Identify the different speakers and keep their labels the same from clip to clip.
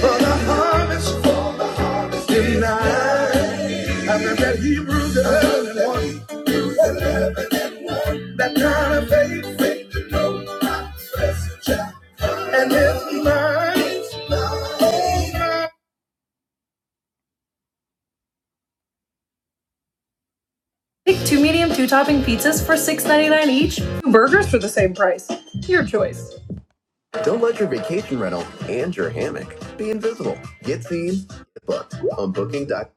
Speaker 1: For the harvest, for the harvest in nine. I read that Hebrews 11 and 1. Hebrews 11 and 1. That kind of faith, faith to know my blessed child. And it's mine. It's mine. Pick two medium, two topping pizzas for $6.99 each. Two burgers for the same price. Your choice. Don't let your vacation rental and your hammock be invisible. Get seen, get booked on Booking. dot com.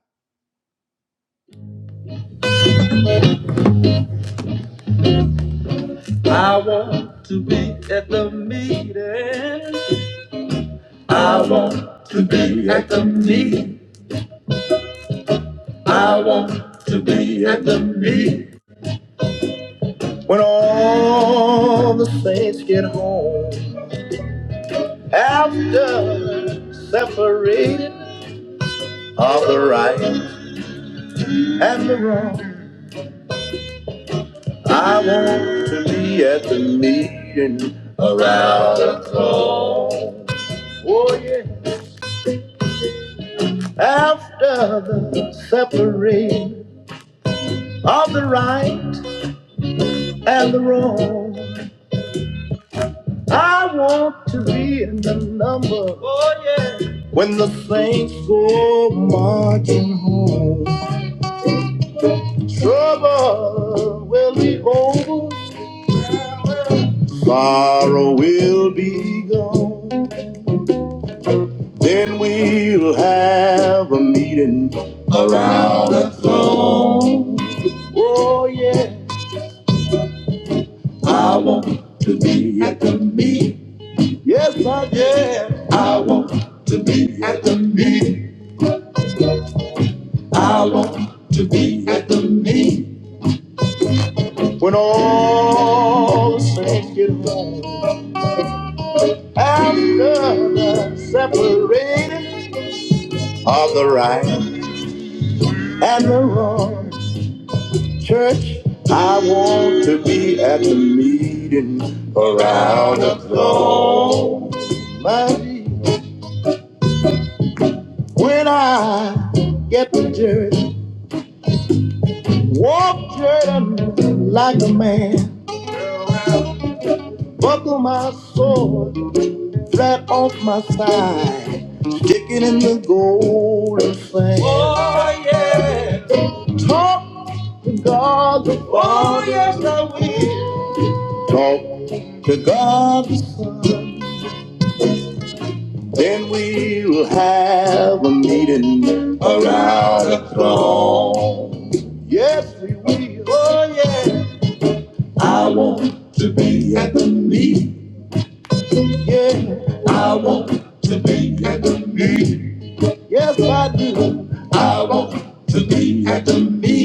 Speaker 1: I want to be at the meeting. I want to be at the meeting. I want to be at the meeting. When all the saints get home after separating and the wrong, I want to be at the meeting around the throne. Oh yeah. After the separating of the right. and the wrong. I want to be in the number when the saints go marching home. Trouble will be over, sorrow will be gone. Then we'll have a meeting on the throne. Oh yeah, I want to be at the meeting. Yes, I yeah. I want to be at the. I want to be at the When all saints get home after the separating of the right and the wrong, church, I want to be at the meeting around the throne. Mighty, When I get to church, walk Jordan like a man, buckle my sword. right off my thigh, kicking in the golden sand. Oh yeah. Talk to God the Father. Oh yes, I will. Talk to God the Son. Then we will have a meeting around the throne. Yes, we will. Oh yeah. I want to be at the meeting. Yeah. I want. Yes, I do. I want to be at the meeting.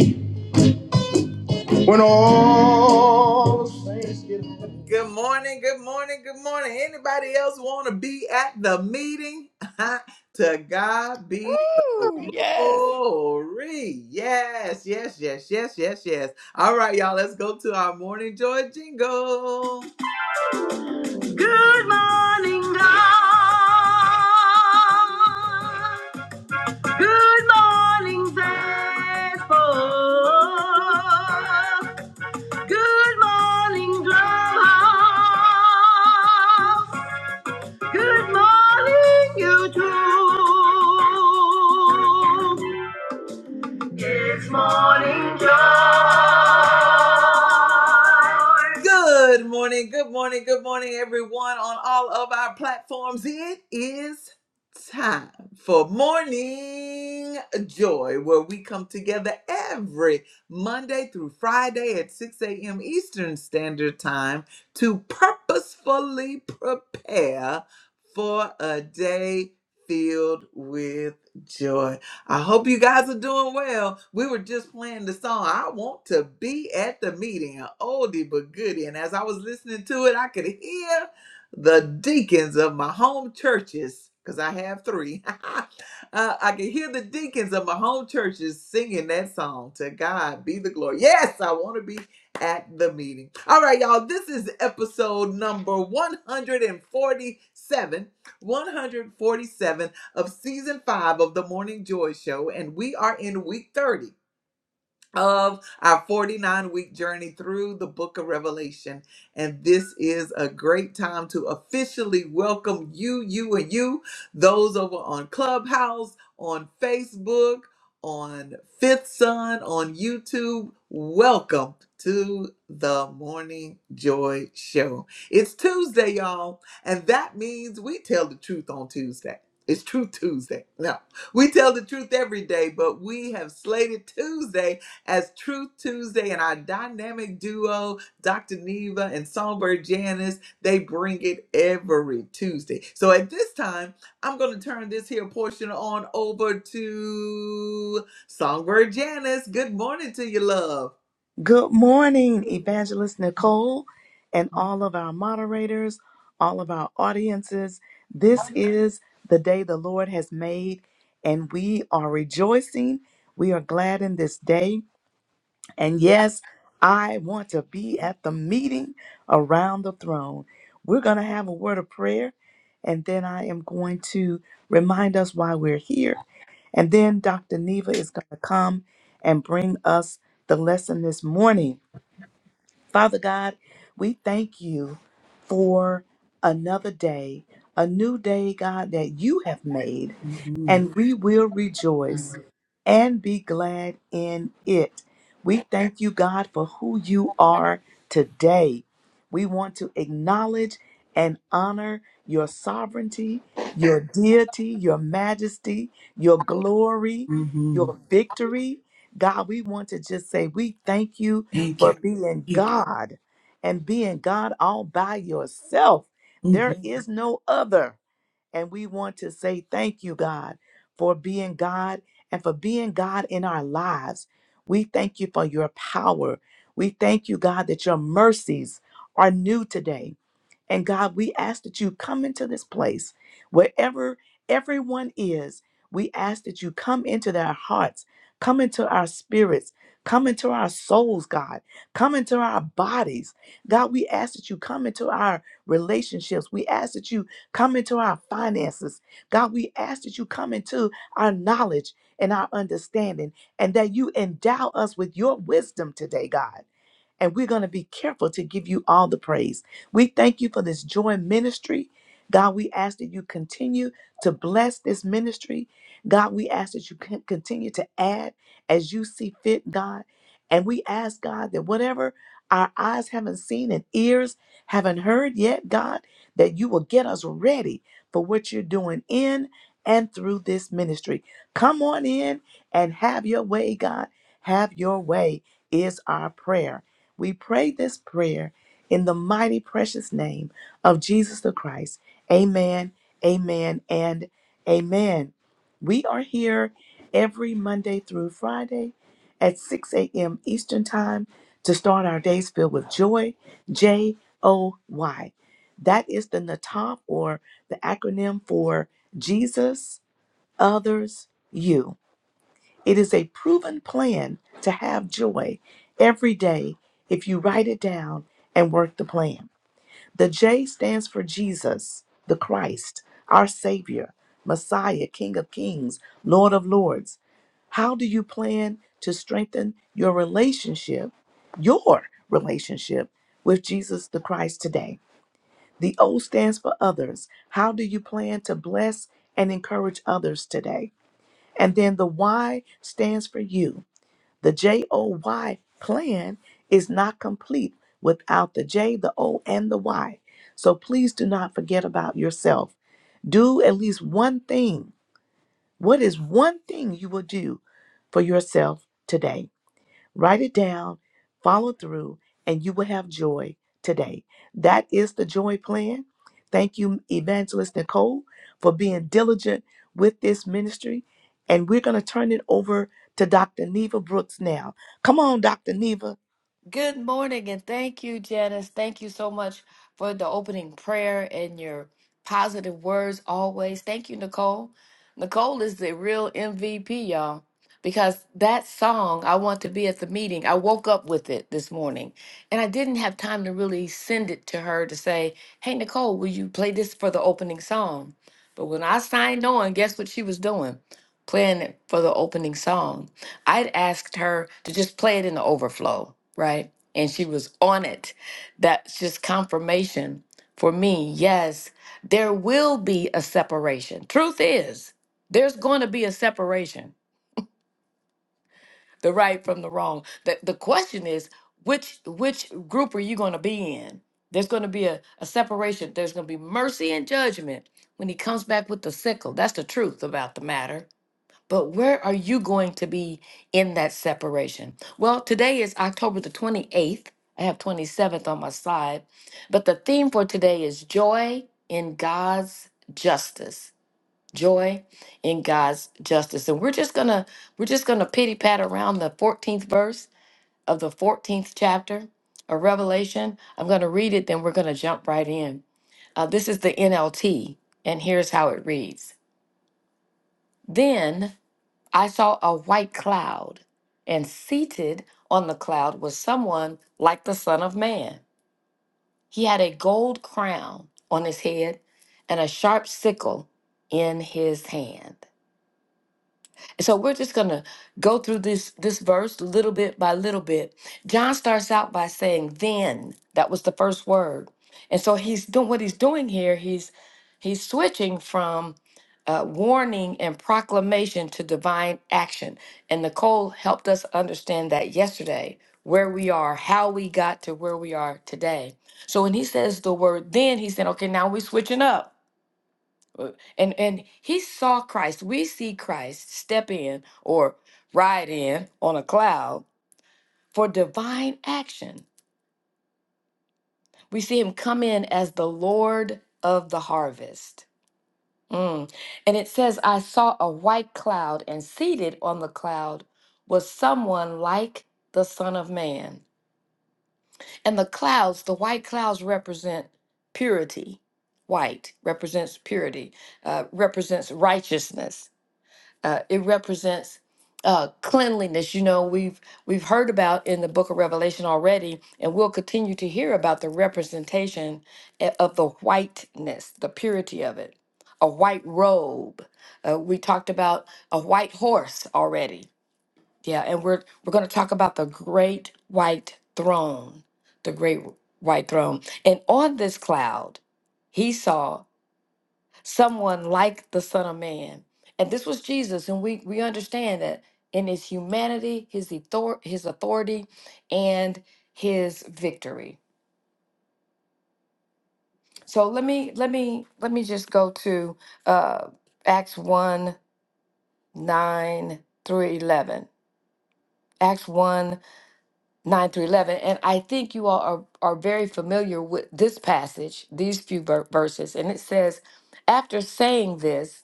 Speaker 1: When all the saints get up.
Speaker 2: Woo! Yes.
Speaker 3: Good morning, Evangelist Nicole, and all of our moderators, all of our audiences. This is the day the Lord has made, and we are rejoicing. We are glad in this day. And yes, I want to be at the meeting around the throne. We're going to have a word of prayer, and then I am going to remind us why we're here. And then Dr. Neva is going to come and bring us the lesson this morning. Father God, we thank you for another day, a new day, God, that you have made, and we will rejoice and be glad in it. We thank you, God, for who you are today. We want to acknowledge and honor your sovereignty, your deity, your majesty, your glory, your victory. God, we want to just say we thank you for being God and being God all by yourself. There is no other. And we want to say thank you, God, for being God and for being God in our lives. We thank you for your power. We thank you, God, that your mercies are new today. And God, we ask that you come into this place wherever everyone is. We ask that you come into their hearts, come into our spirits, come into our souls, God, come into our bodies. God, we ask that you come into our relationships. We ask that you come into our finances. God, we ask that you come into our knowledge and our understanding and that you endow us with your wisdom today, God and we're going to be careful to give you all the praise. We thank you for this joy ministry. God, we ask that you continue to bless this ministry. God, we ask that you con- continue to add as you see fit, God. And we ask, God, that whatever our eyes haven't seen and ears haven't heard yet, God, that you will get us ready for what you're doing in and through this ministry. Come on in and have your way, God. Have your way is our prayer. We pray this prayer in the mighty precious name of Jesus the Christ. Amen, amen, and amen. We are here every Monday through Friday at 6 a.m. Eastern Time to start our days filled with joy, J O Y. That is the NATOP or the acronym for Jesus, Others, You. It is a proven plan to have joy every day if you write it down and work the plan. The J stands for Jesus, the Christ, our Savior, Messiah, King of Kings, Lord of Lords. How do you plan to strengthen your relationship, your relationship with Jesus the Christ today? The O stands for others. How do you plan to bless and encourage others today? And then the Y stands for you. The J O Y plan is not complete without the J, the O, and the Y. So please do not forget about yourself. Do at least one thing. What is one thing you will do for yourself today? Write it down, follow through, and you will have joy today. That is the joy plan. Thank you, Evangelist Nicole, for being diligent with this ministry. And we're going to turn it over to Dr. Neva Brooks now. Come on, Dr. Neva.
Speaker 2: Good morning, and thank you, Janice. Thank you so much for the opening prayer and your positive words always. Thank you, Nicole. Nicole is the real MVP, y'all, because that song, I Want to Be at the Meeting, I woke up with it this morning, and I didn't have time to really send it to her to say, Hey, Nicole, will you play this for the opening song? But when I signed on, guess what she was doing? Playing it for the opening song. I'd asked her to just play it in the overflow, right? And she was on it. That's just confirmation for me. Yes, there will be a separation. Truth is, there's going to be a separation, the right from the wrong. The, the question is, which which group are you going to be in? There's going to be a, a separation. There's going to be mercy and judgment when he comes back with the sickle. That's the truth about the matter but where are you going to be in that separation? Well, today is October the 28th. I have 27th on my side. But the theme for today is joy in God's justice. Joy in God's justice. And we're just gonna we're just gonna pity pat around the 14th verse of the 14th chapter of Revelation. I'm gonna read it, then we're gonna jump right in. Uh, this is the NLT, and here's how it reads. Then I saw a white cloud, and seated on the cloud was someone like the Son of Man. He had a gold crown on his head and a sharp sickle in his hand. So we're just going to go through this this verse little bit by little bit. John starts out by saying then. That was the first word. And so he's doing what he's doing here, he's he's switching from uh, warning and proclamation to divine action. And Nicole helped us understand that yesterday, where we are, how we got to where we are today. So when he says the word then, he said, okay, now we're switching up. And and he saw Christ. We see Christ step in or ride in on a cloud for divine action. We see him come in as the Lord of the harvest. Mm. And it says, I saw a white cloud, and seated on the cloud was someone like the Son of Man. And the clouds, the white clouds represent purity. White represents purity, uh, represents righteousness uh, it represents uh, cleanliness. You know, we've we've heard about in the Book of Revelation already, and we'll continue to hear about the representation a- of the whiteness, the purity of it. A white robe. Uh, we talked about a white horse already. Yeah, and we're we're going to talk about the great white throne, the great white throne, and on this cloud, he saw someone like the Son of Man. And this was Jesus, and we we understand that in his humanity, his author, his authority, and his victory. So let me let me let me just go to uh, Acts one nine through eleven. Acts one nine through eleven, and I think you all are are very familiar with this passage, these few ver- verses, and it says, after saying this.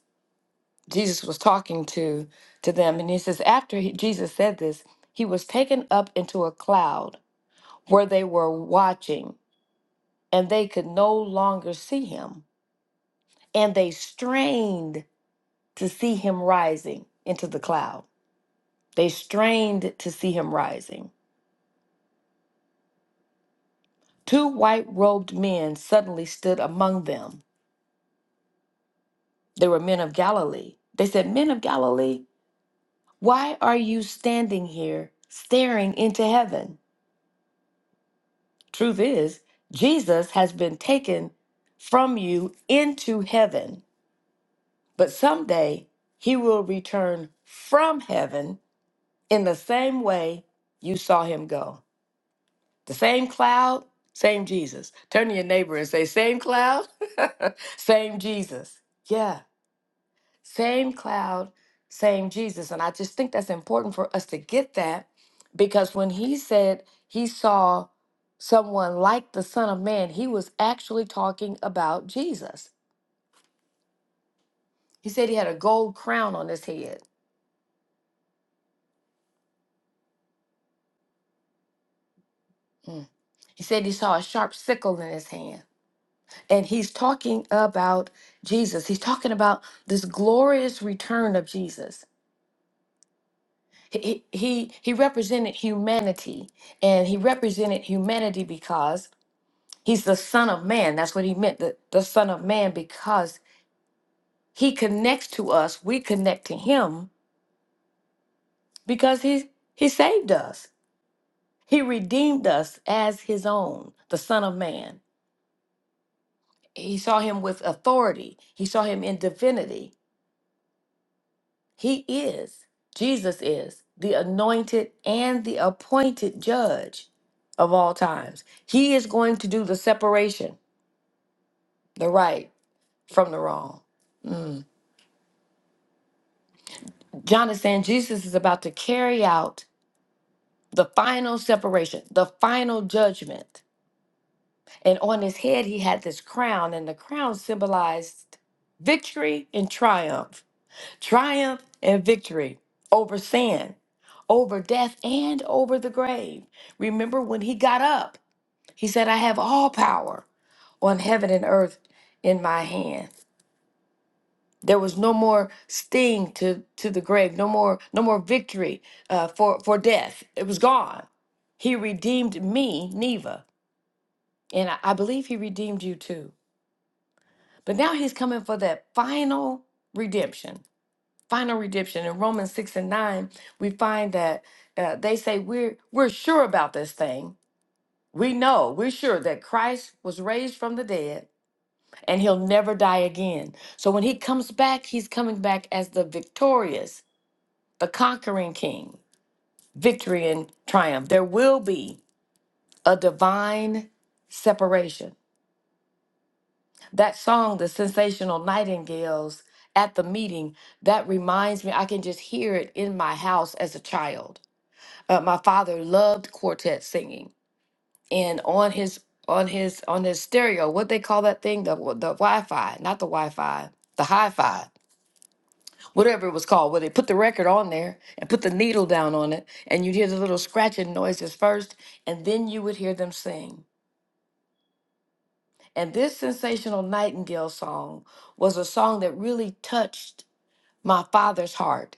Speaker 2: Jesus was talking to to them and he says after he, Jesus said this he was taken up into a cloud where they were watching and they could no longer see him and they strained to see him rising into the cloud they strained to see him rising two white-robed men suddenly stood among them they were men of Galilee they said men of Galilee why are you standing here staring into heaven Truth is, Jesus has been taken from you into heaven, but someday he will return from heaven in the same way you saw him go. The same cloud, same Jesus. Turn to your neighbor and say, Same cloud, same Jesus. Yeah. Same cloud, same Jesus. And I just think that's important for us to get that because when he said he saw someone like the Son of Man, he was actually talking about Jesus. He said he had a gold crown on his head. Mm. He said he saw a sharp sickle in his hand. And he's talking about Jesus. He's talking about this glorious return of Jesus. He, he, he he represented humanity, and he represented humanity because He's the Son of Man. That's what he meant, the, the Son of Man, because he connects to us. We connect to him because he, he saved us. He redeemed us as his own, the Son of Man. He saw him with authority, he saw him in divinity. He is, Jesus is, the anointed and the appointed judge of all times. He is going to do the separation, the right from the wrong. John is saying Jesus is about to carry out the final separation, the final judgment. And on his head, he had this crown, and the crown symbolized victory and triumph, triumph and victory over sin, over death, and over the grave. Remember when he got up, he said, I have all power on heaven and earth in my hand there was no more sting to to the grave no more no more victory uh, for for death it was gone he redeemed me neva and I, I believe he redeemed you too but now he's coming for that final redemption final redemption in romans 6 and 9 we find that uh, they say we're we're sure about this thing we know we're sure that christ was raised from the dead and he'll never die again so when he comes back he's coming back as the victorious the conquering king, victory and triumph. There will be a divine separation. That song, The Sensational Nightingales at the Meeting, that reminds me, I can just hear it in my house as a child. Uh, my father loved quartet singing, and on his on his on his stereo, what they call that thing, the the Wi-Fi, not the Wi-Fi, the hi-fi whatever it was called, where they put the record on there and put the needle down on it, and you'd hear the little scratching noises first, and then you would hear them sing. And this sensational nightingale song was a song that really touched my father's heart.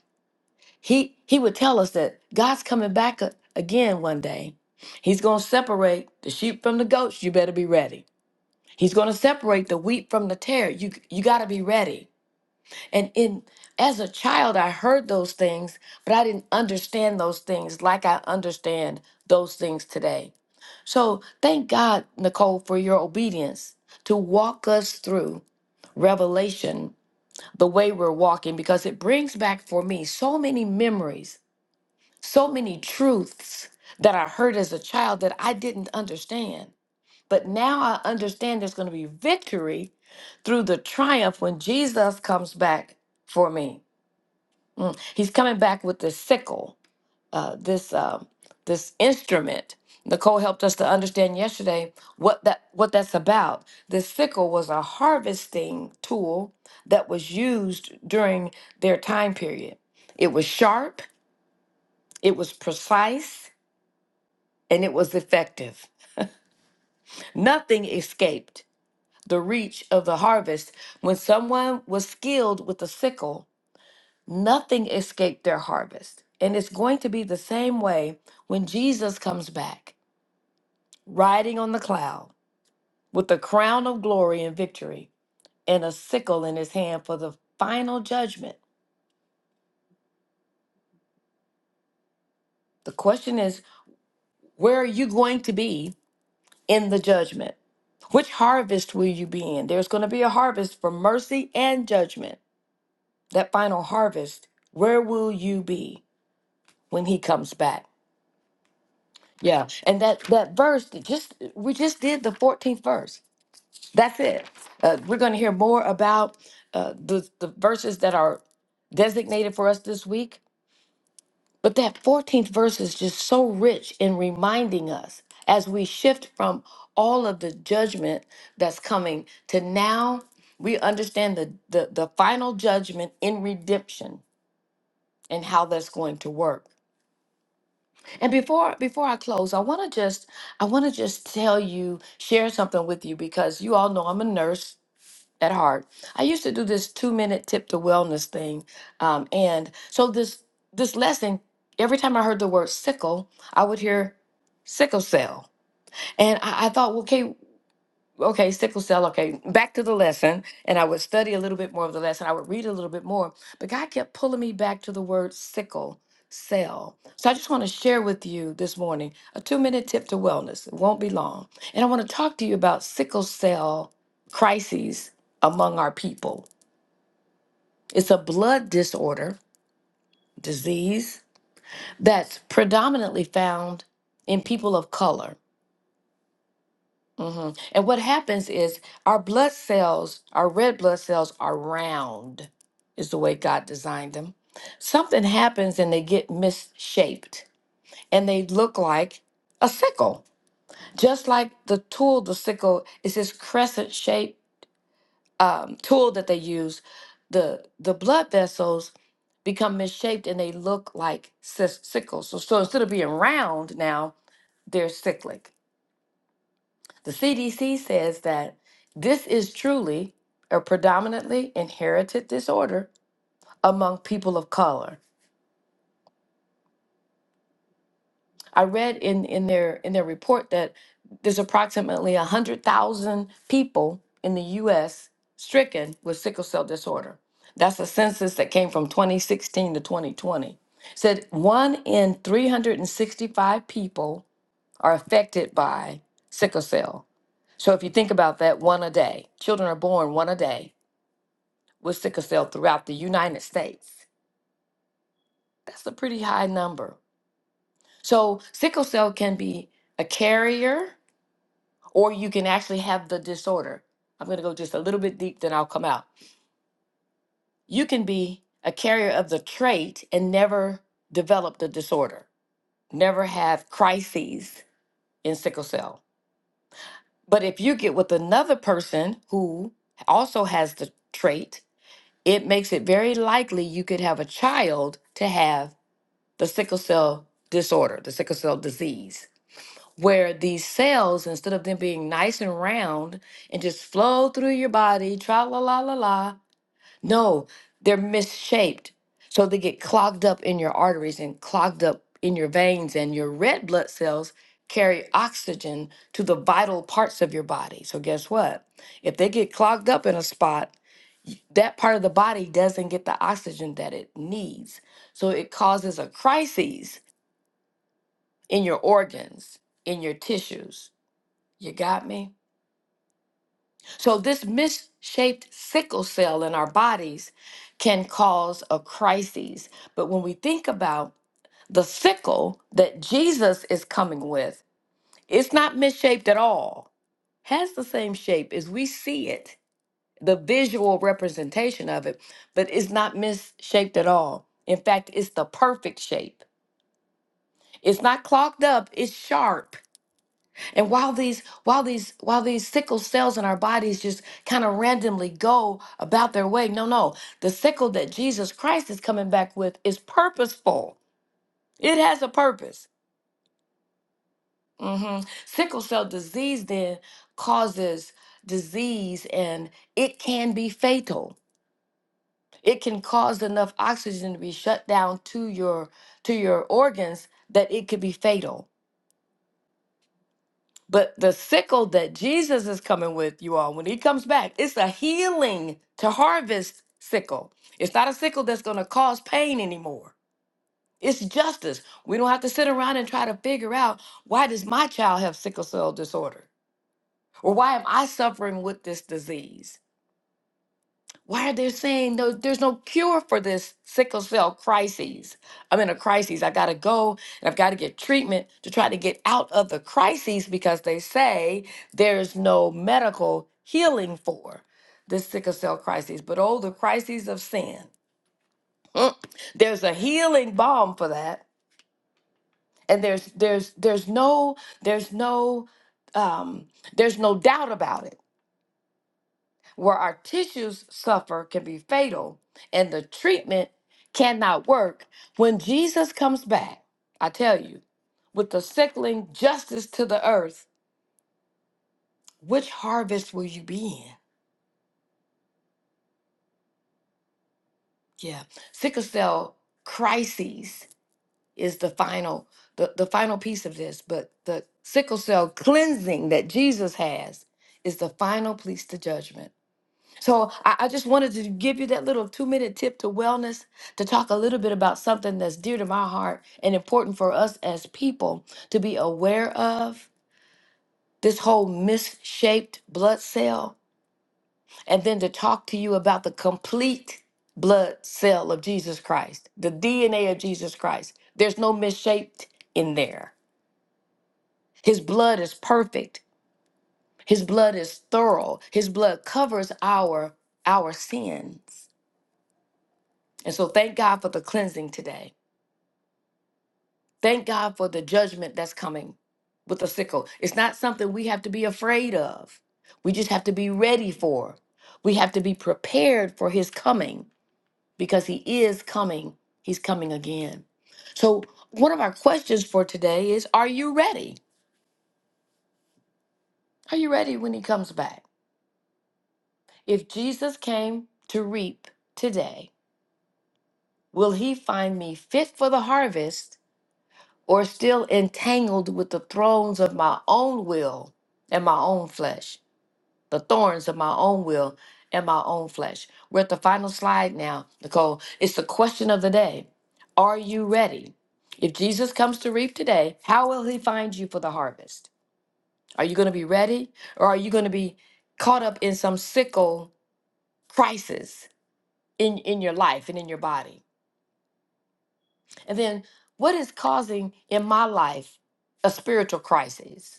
Speaker 2: He he would tell us that God's coming back a- again one day. He's going to separate the sheep from the goats. You better be ready. He's going to separate the wheat from the tare. You you got to be ready. And in as a child, I heard those things, but I didn't understand those things like I understand those things today. So thank God, Nicole, for your obedience to walk us through revelation the way we're walking, because it brings back for me so many memories, so many truths that I heard as a child that I didn't understand. But now I understand there's going to be victory through the triumph when Jesus comes back for me. Mm. He's coming back with this sickle, uh, this um this instrument. Nicole helped us to understand yesterday what that what that's about. The sickle was a harvesting tool that was used during their time period. It was sharp, it was precise, and it was effective. Nothing escaped the reach of the harvest when someone was skilled with the sickle Nothing escaped their harvest. And it's going to be the same way when Jesus comes back, riding on the cloud with a crown of glory and victory and a sickle in his hand for the final judgment. The question is, where are you going to be in the judgment? Which harvest will you be in? There's going to be a harvest for mercy and judgment. That final harvest, where will you be when he comes back? And that that verse that just we just did the 14th verse That's it. Uh, we're going to hear more about uh, the, the verses that are designated for us this week. But that 14th verse is just so rich in reminding us as we shift from all of the judgment that's coming to now we understand the, the, the final judgment in redemption and how that's going to work. And before before I close, I want to just I want to just tell you share something with you because you all know I'm a nurse at heart. I used to do this two minute tip to wellness thing. Um, and so this this lesson, every time I heard the word sickle, I would hear sickle cell. And I, I thought, okay, okay, sickle cell, okay, back to the lesson. And I would study a little bit more of the lesson. I would read a little bit more. But God kept pulling me back to the word sickle cell. So I just want to share with you this morning a two minute tip to wellness. It won't be long. And I want to talk to you about sickle cell crises among our people. It's a blood disorder, disease, that's predominantly found in people of color. hmm And what happens is our blood cells, our red blood cells, are round, is the way God designed them. Something happens and they get misshaped and they look like a sickle. Just like the tool, the sickle, is this crescent shaped um, tool that they use. The, the blood vessels become misshaped and they look like sis- sickles. So, so instead of being round now, they're cyclic. The CDC says that this is truly a predominantly inherited disorder among people of color. I read in, in their in their report that there's approximately 100,000 people in the US stricken with sickle cell disorder. That's a census that came from 2016 to 2020. Said 1 in 365 people are affected by sickle cell. So if you think about that, one a day. Children are born one a day with sickle cell throughout the United States. That's a pretty high number. So, sickle cell can be a carrier, or you can actually have the disorder. I'm going to go just a little bit deep, then I'll come out. You can be a carrier of the trait and never develop the disorder, never have crises in sickle cell. But if you get with another person who also has the trait, it makes it very likely you could have a child to have the sickle cell disorder, the sickle cell disease, where these cells, instead of them being nice and round and just flow through your body, tra la la la la, no, they're misshaped. So they get clogged up in your arteries and clogged up in your veins, and your red blood cells carry oxygen to the vital parts of your body. So guess what? If they get clogged up in a spot, that part of the body doesn't get the oxygen that it needs. So it causes a crisis in your organs, in your tissues. You got me? So, this misshaped sickle cell in our bodies can cause a crisis. But when we think about the sickle that Jesus is coming with, it's not misshaped at all, has the same shape as we see it, the visual representation of it, but it's not misshaped at all. In fact, it's the perfect shape. It's not clogged up, it's sharp And while these while these while these sickle cells in our bodies just kind of randomly go about their way, no, no. The sickle that Jesus Christ is coming back with is purposeful. It has a purpose. hmm Sickle cell disease then causes disease and it can be fatal. It can cause enough oxygen to be shut down to your to your organs that it could be fatal. But the sickle that Jesus is coming with, you all, when he comes back, it's a healing to harvest sickle. It's not a sickle that's going to cause pain anymore. It's justice. We don't have to sit around and try to figure out why does my child have sickle cell disorder? Or why am I suffering with this disease? Why are they saying no, there's no cure for this sickle cell crises? I'm in a crisis. I got to go and I've got to get treatment to try to get out of the crises because they say there's no medical healing for this sickle cell crisis. But oh, the crises of sin. There's a healing balm for that. And there's there's there's no there's no um there's no doubt about it where our tissues suffer can be fatal and the treatment cannot work when Jesus comes back. I tell you, with the sickling justice to the earth, which harvest will you be in? Yeah, sickle cell crises is the final the, the final piece of this, but the sickle cell cleansing that Jesus has is the final piece to judgment. So I, I just wanted to give you that little two minute tip to wellness to talk a little bit about something that's dear to my heart and important for us as people to be aware of this whole misshaped blood cell, and then to talk to you about the complete blood cell of Jesus Christ, the DNA of Jesus Christ. There's no misshaped in there. His blood is perfect. His blood is thorough. His blood covers our our sins. And so thank God for the cleansing today. Thank God for the judgment that's coming with the sickle. It's not something we have to be afraid of. We just have to be ready for. We have to be prepared for his coming because he is coming. He's coming again. So, one of our questions for today is Are you ready? Are you ready when he comes back? If Jesus came to reap today, will he find me fit for the harvest or still entangled with the thrones of my own will and my own flesh, the thorns of my own will and my own flesh. We're at the final slide now, Nicole. It's the question of the day Are you ready? If Jesus comes to reap today, how will he find you for the harvest? Are you going to be ready or are you going to be caught up in some sickle crisis in, in your life and in your body? And then, what is causing in my life a spiritual crisis?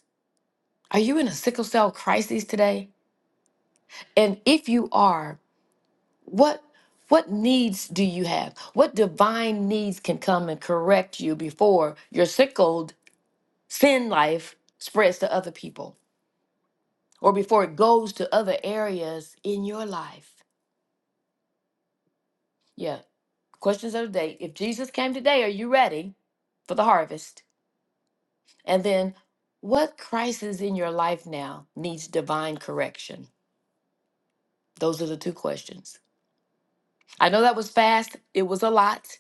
Speaker 2: Are you in a sickle cell crisis today? And if you are, what what needs do you have? What divine needs can come and correct you before your sickled sin life spreads to other people or before it goes to other areas in your life? Yeah. Questions of the day. If Jesus came today, are you ready for the harvest? And then what crisis in your life now needs divine correction? Those are the two questions. I know that was fast, it was a lot,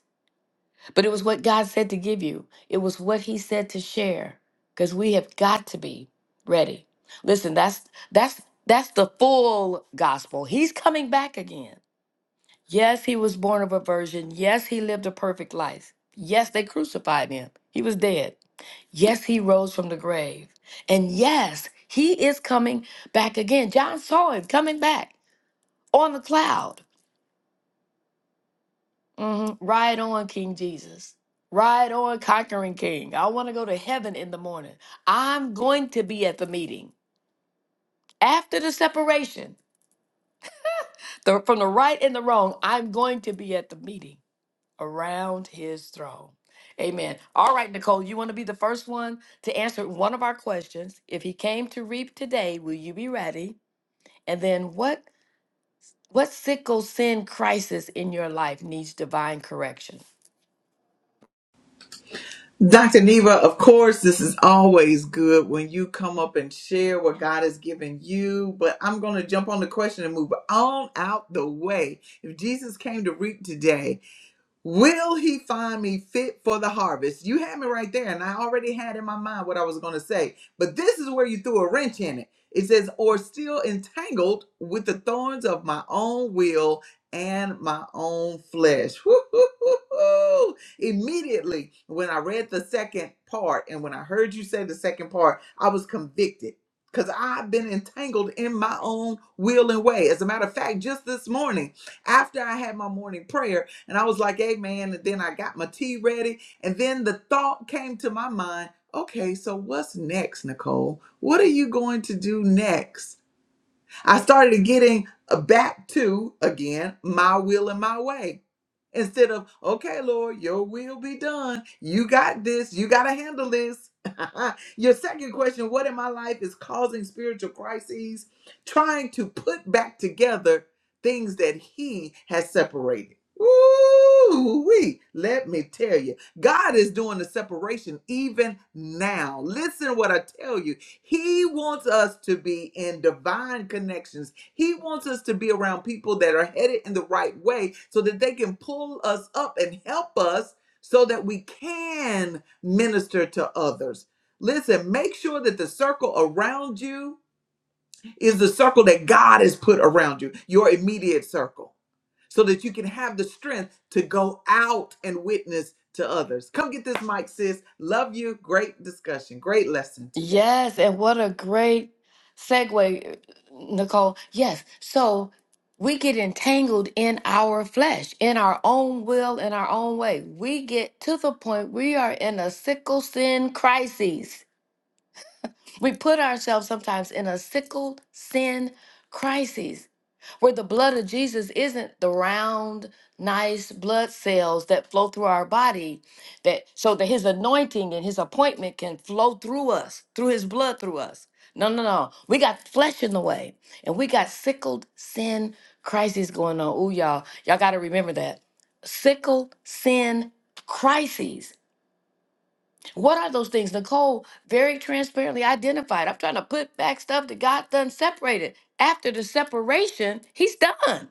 Speaker 2: but it was what God said to give you. It was what he said to share because we have got to be ready. Listen, that's that's that's the full gospel. He's coming back again. Yes, he was born of a virgin. Yes, he lived a perfect life. Yes, they crucified him. He was dead. Yes, he rose from the grave. And yes, he is coming back again. John saw him coming back on the cloud. hmm Ride on, King Jesus. Ride on, conquering King. I want to go to heaven in the morning. I'm going to be at the meeting after the separation the, from the right and the wrong. I'm going to be at the meeting around his throne. Amen. All right, Nicole, you want to be the first one to answer one of our questions. If he came to reap today, will you be ready? And then what what sickle sin crisis in your life needs divine correction? Yes, and what a great segue, Nicole. Yes, so we get entangled in our flesh, in our own will, in our own way. We get to the point we are in a sickle sin crisis. We put ourselves sometimes in a sickle sin crisis where the blood of Jesus isn't the round, nice blood cells that flow through our body, that so that his anointing and his appointment can flow through us, through his blood through us. No, no, no. We got flesh in the way and we got sickled sin crises going on. Ooh, y'all, y'all got to remember that. Sickled sin crises. What are those things? Nicole very transparently identified. I'm trying to put back stuff that God done separated. After the separation, he's done.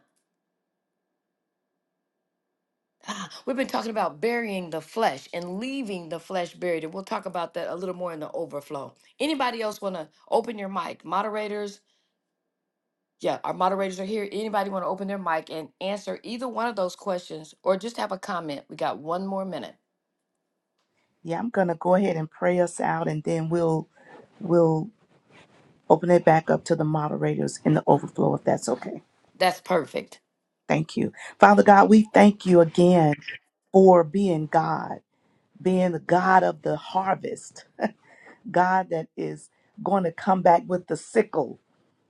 Speaker 2: Ah, we've been talking about burying the flesh and leaving the flesh buried, and we'll talk about that a little more in the overflow. Anybody else want to open your mic? Moderators, yeah, our moderators are here. Anybody want to open their mic and answer either one of those questions, or just have a comment? We got one more minute.
Speaker 3: Yeah, I'm going to go ahead and pray us out, and then we'll we'll open it back up to the moderators in the overflow, if that's okay.
Speaker 2: That's perfect.
Speaker 3: Thank you, Father God. We thank you again for being God, being the God of the harvest God that is going to come back with the sickle.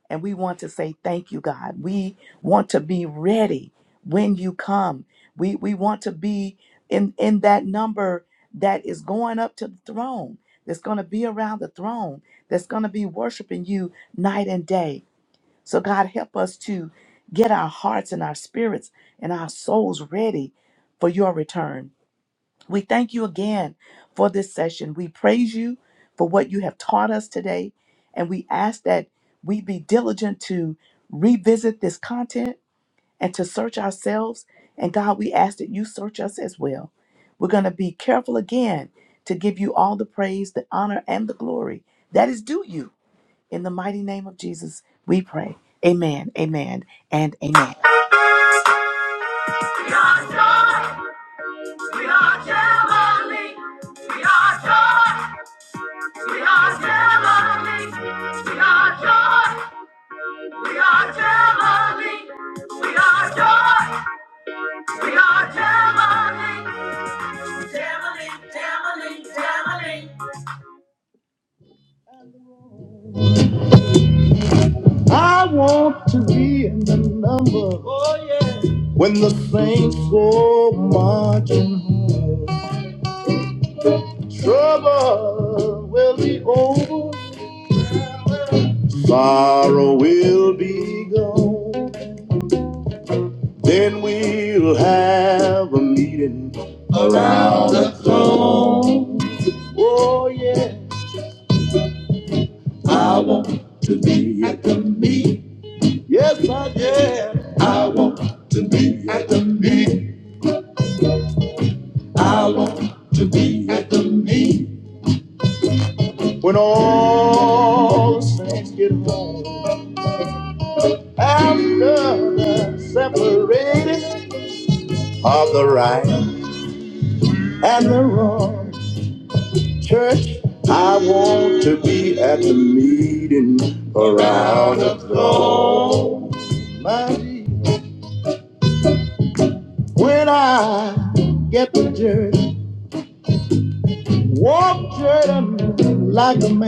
Speaker 3: And we want to say, Thank you, God. We want to be ready when you come. We, we want to be in, in that number that is going up to the throne, that's going to be around the throne, that's going to be worshiping you night and day. So, God, help us to get our hearts and our spirits and our souls ready for your return. We thank you again for this session. We praise you for what you have taught us today, and we ask that we be diligent to revisit this content and to search ourselves. And God, we ask that you search us as well. We're going to be careful again to give you all the praise, the honor, and the glory that is due you. In the mighty name of Jesus, we pray. Amen, amen, and amen.
Speaker 1: We are joy, we are heavenly. We are joy, we are heavenly. We are joy, we are heavenly. We are joy, we are heavenly. Heavenly, heavenly, heavenly. I want to be in the number when the saints go marching home. Trouble will be over. Tomorrow we'll be gone. We'll have a meeting around the throne. Oh yeah, I won't be at the meet. Yes, I did. I'm at the meet. I want to be at the meet when all the saints get home after the separating of the right and the wrong. Church, I want to be at the meeting around the throne. When I get to church, I can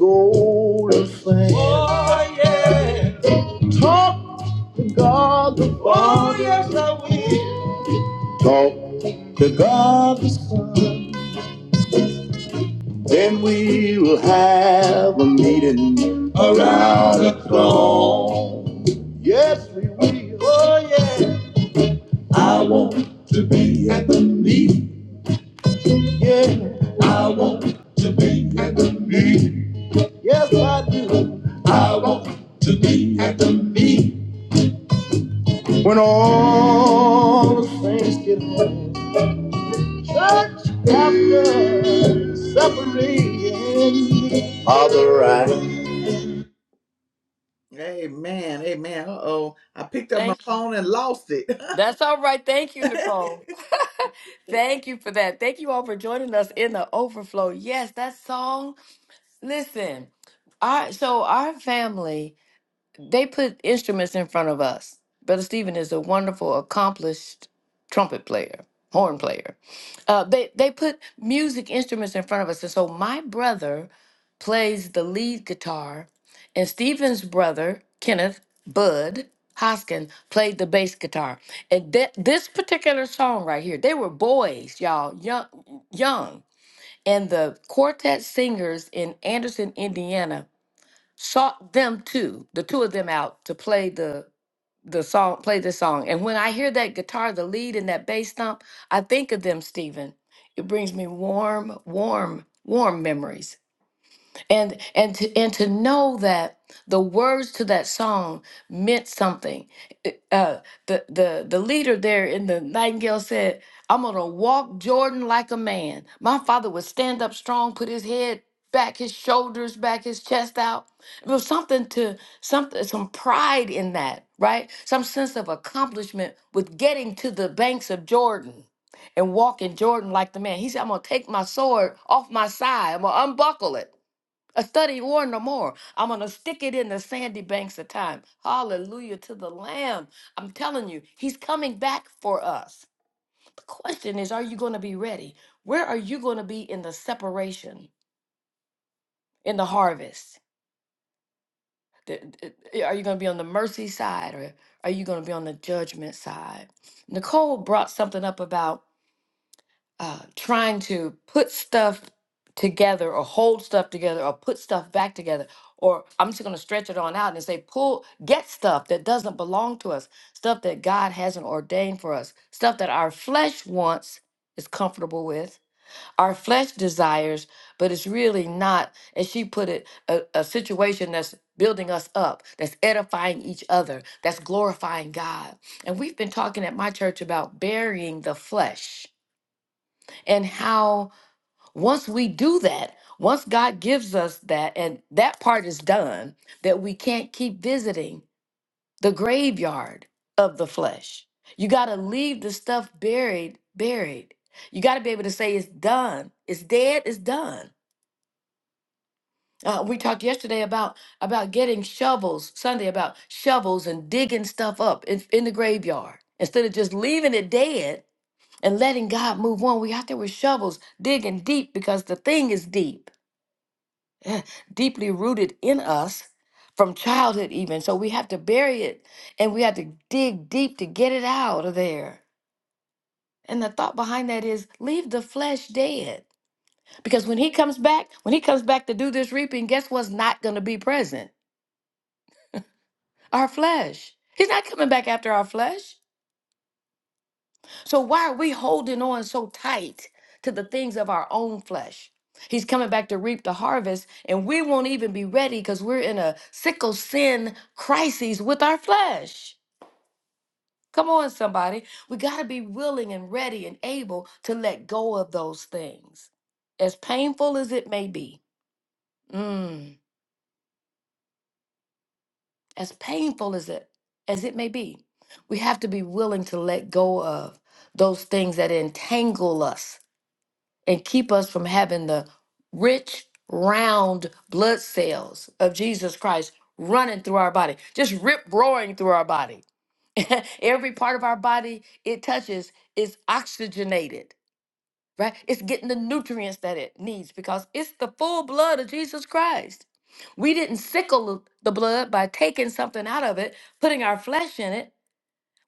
Speaker 1: go. Oh, oh yes, I will. See a meeting around the throne. Yes, we will. Oh, I want to be at the meeting. Yeah. I want to be at the meeting. Yes, I do. I want to be at the meeting. All the saints get home. Church after separating. All the right.
Speaker 2: Thank. you. That's all right. Thank you, Nicole. Thank you for that. Thank you all for joining us in the overflow. Yes, that song. Listen, I so our family. They put instruments in front of us. Brother Stephen is a wonderful, accomplished trumpet player, horn player. Uh, they they put music instruments in front of us, and so my brother plays the lead guitar, and Stephen's brother Kenneth Bud Hoskin played the bass guitar. And that this particular song right here, they were boys, y'all, young, young, and the quartet singers in Anderson, Indiana sought them two, the two of them out to play the the song, play the song. And when I hear that guitar, the lead and that bass thump, I think of them, Stephen. It brings me warm, warm, warm memories and and to, and to know that the words to that song meant something It- uh the the the leader there in the nightingale said i'm gonna walk jordan like a man my father would stand up strong put his head back his shoulders back his chest out it was something to something some pride in that right some sense of accomplishment with getting to the banks of jordan and walking jordan like the man he said i'm gonna take my sword off my side i'm gonna unbuckle it a study war no more. I'm going to stick it in the sandy banks of time. Hallelujah to the Lamb. I'm telling you, He's coming back for us. The question is, are you going to be ready? Where are you going to be in the separation, in the harvest? The- the- Are you going to be on the mercy side or are you going to be on the judgment side? Nicole brought something up about uh, trying to put stuff together or hold stuff together or put stuff back together or i'm just going to stretch it on out and say pull get stuff that doesn't belong to us stuff that god hasn't ordained for us stuff that our flesh wants is comfortable with our flesh desires but it's really not as she put it a, a situation that's building us up that's edifying each other that's glorifying god and we've been talking at my church about burying the flesh and how once we do that, once God gives us that, and that part is done, that we can't keep visiting the graveyard of the flesh. You got to leave the stuff buried, buried. You got to be able to say it's done, it's dead, it's done. Uh, we talked yesterday about about getting shovels Sunday about shovels and digging stuff up in, in the graveyard instead of just leaving it dead and letting God move on. We out there with shovels, digging deep because the thing is deep, deeply rooted in us from childhood, even. So we have to bury it and we have to dig deep to get it out of there. And the thought behind that is leave the flesh dead. Because when he comes back, when he comes back to do this reaping, guess what's not going to be present? Our flesh. He's not coming back after our flesh. So why are we holding on so tight to the things of our own flesh? He's coming back to reap the harvest, and we won't even be ready because we're in a sickle sin crises with our flesh. Come on, somebody. We got to be willing and ready and able to let go of those things, as painful as it may be. Mm, as painful as it as it may be, we have to be willing to let go of those things that entangle us and keep us from having the rich, round blood cells of Jesus Christ running through our body, just rip roaring through our body. Every part of our body it touches is oxygenated, right? It's getting the nutrients that it needs because it's the full blood of Jesus Christ. We didn't sickle the blood by taking something out of it, putting our flesh in it.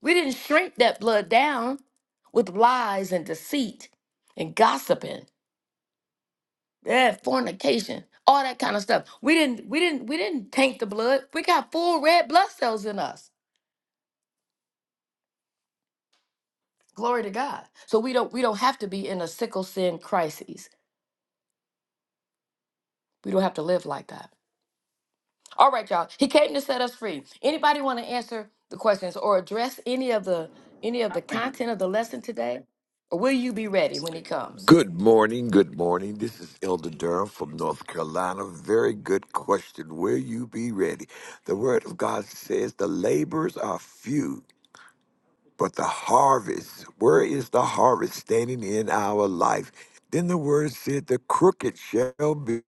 Speaker 2: We didn't shrink that blood down with lies and deceit and gossiping yeah, fornication, all that kind of stuff. We didn't, we didn't, we didn't taint the blood. We got full red blood cells in us. Glory to God. So we don't, we don't have to be in a sickle sin crisis. We don't have to live like that. All right, y'all. He came to set us free. Anybody want to answer the questions or address any of the any of the content of the lesson today? Or will you be ready when he comes?
Speaker 4: Good morning. Good morning. This is Elder Durham from North Carolina. Very good question. Will you be ready? The Word of God says the labors are few, but the harvest, where is the harvest standing in our life? Then the Word said the crooked shall be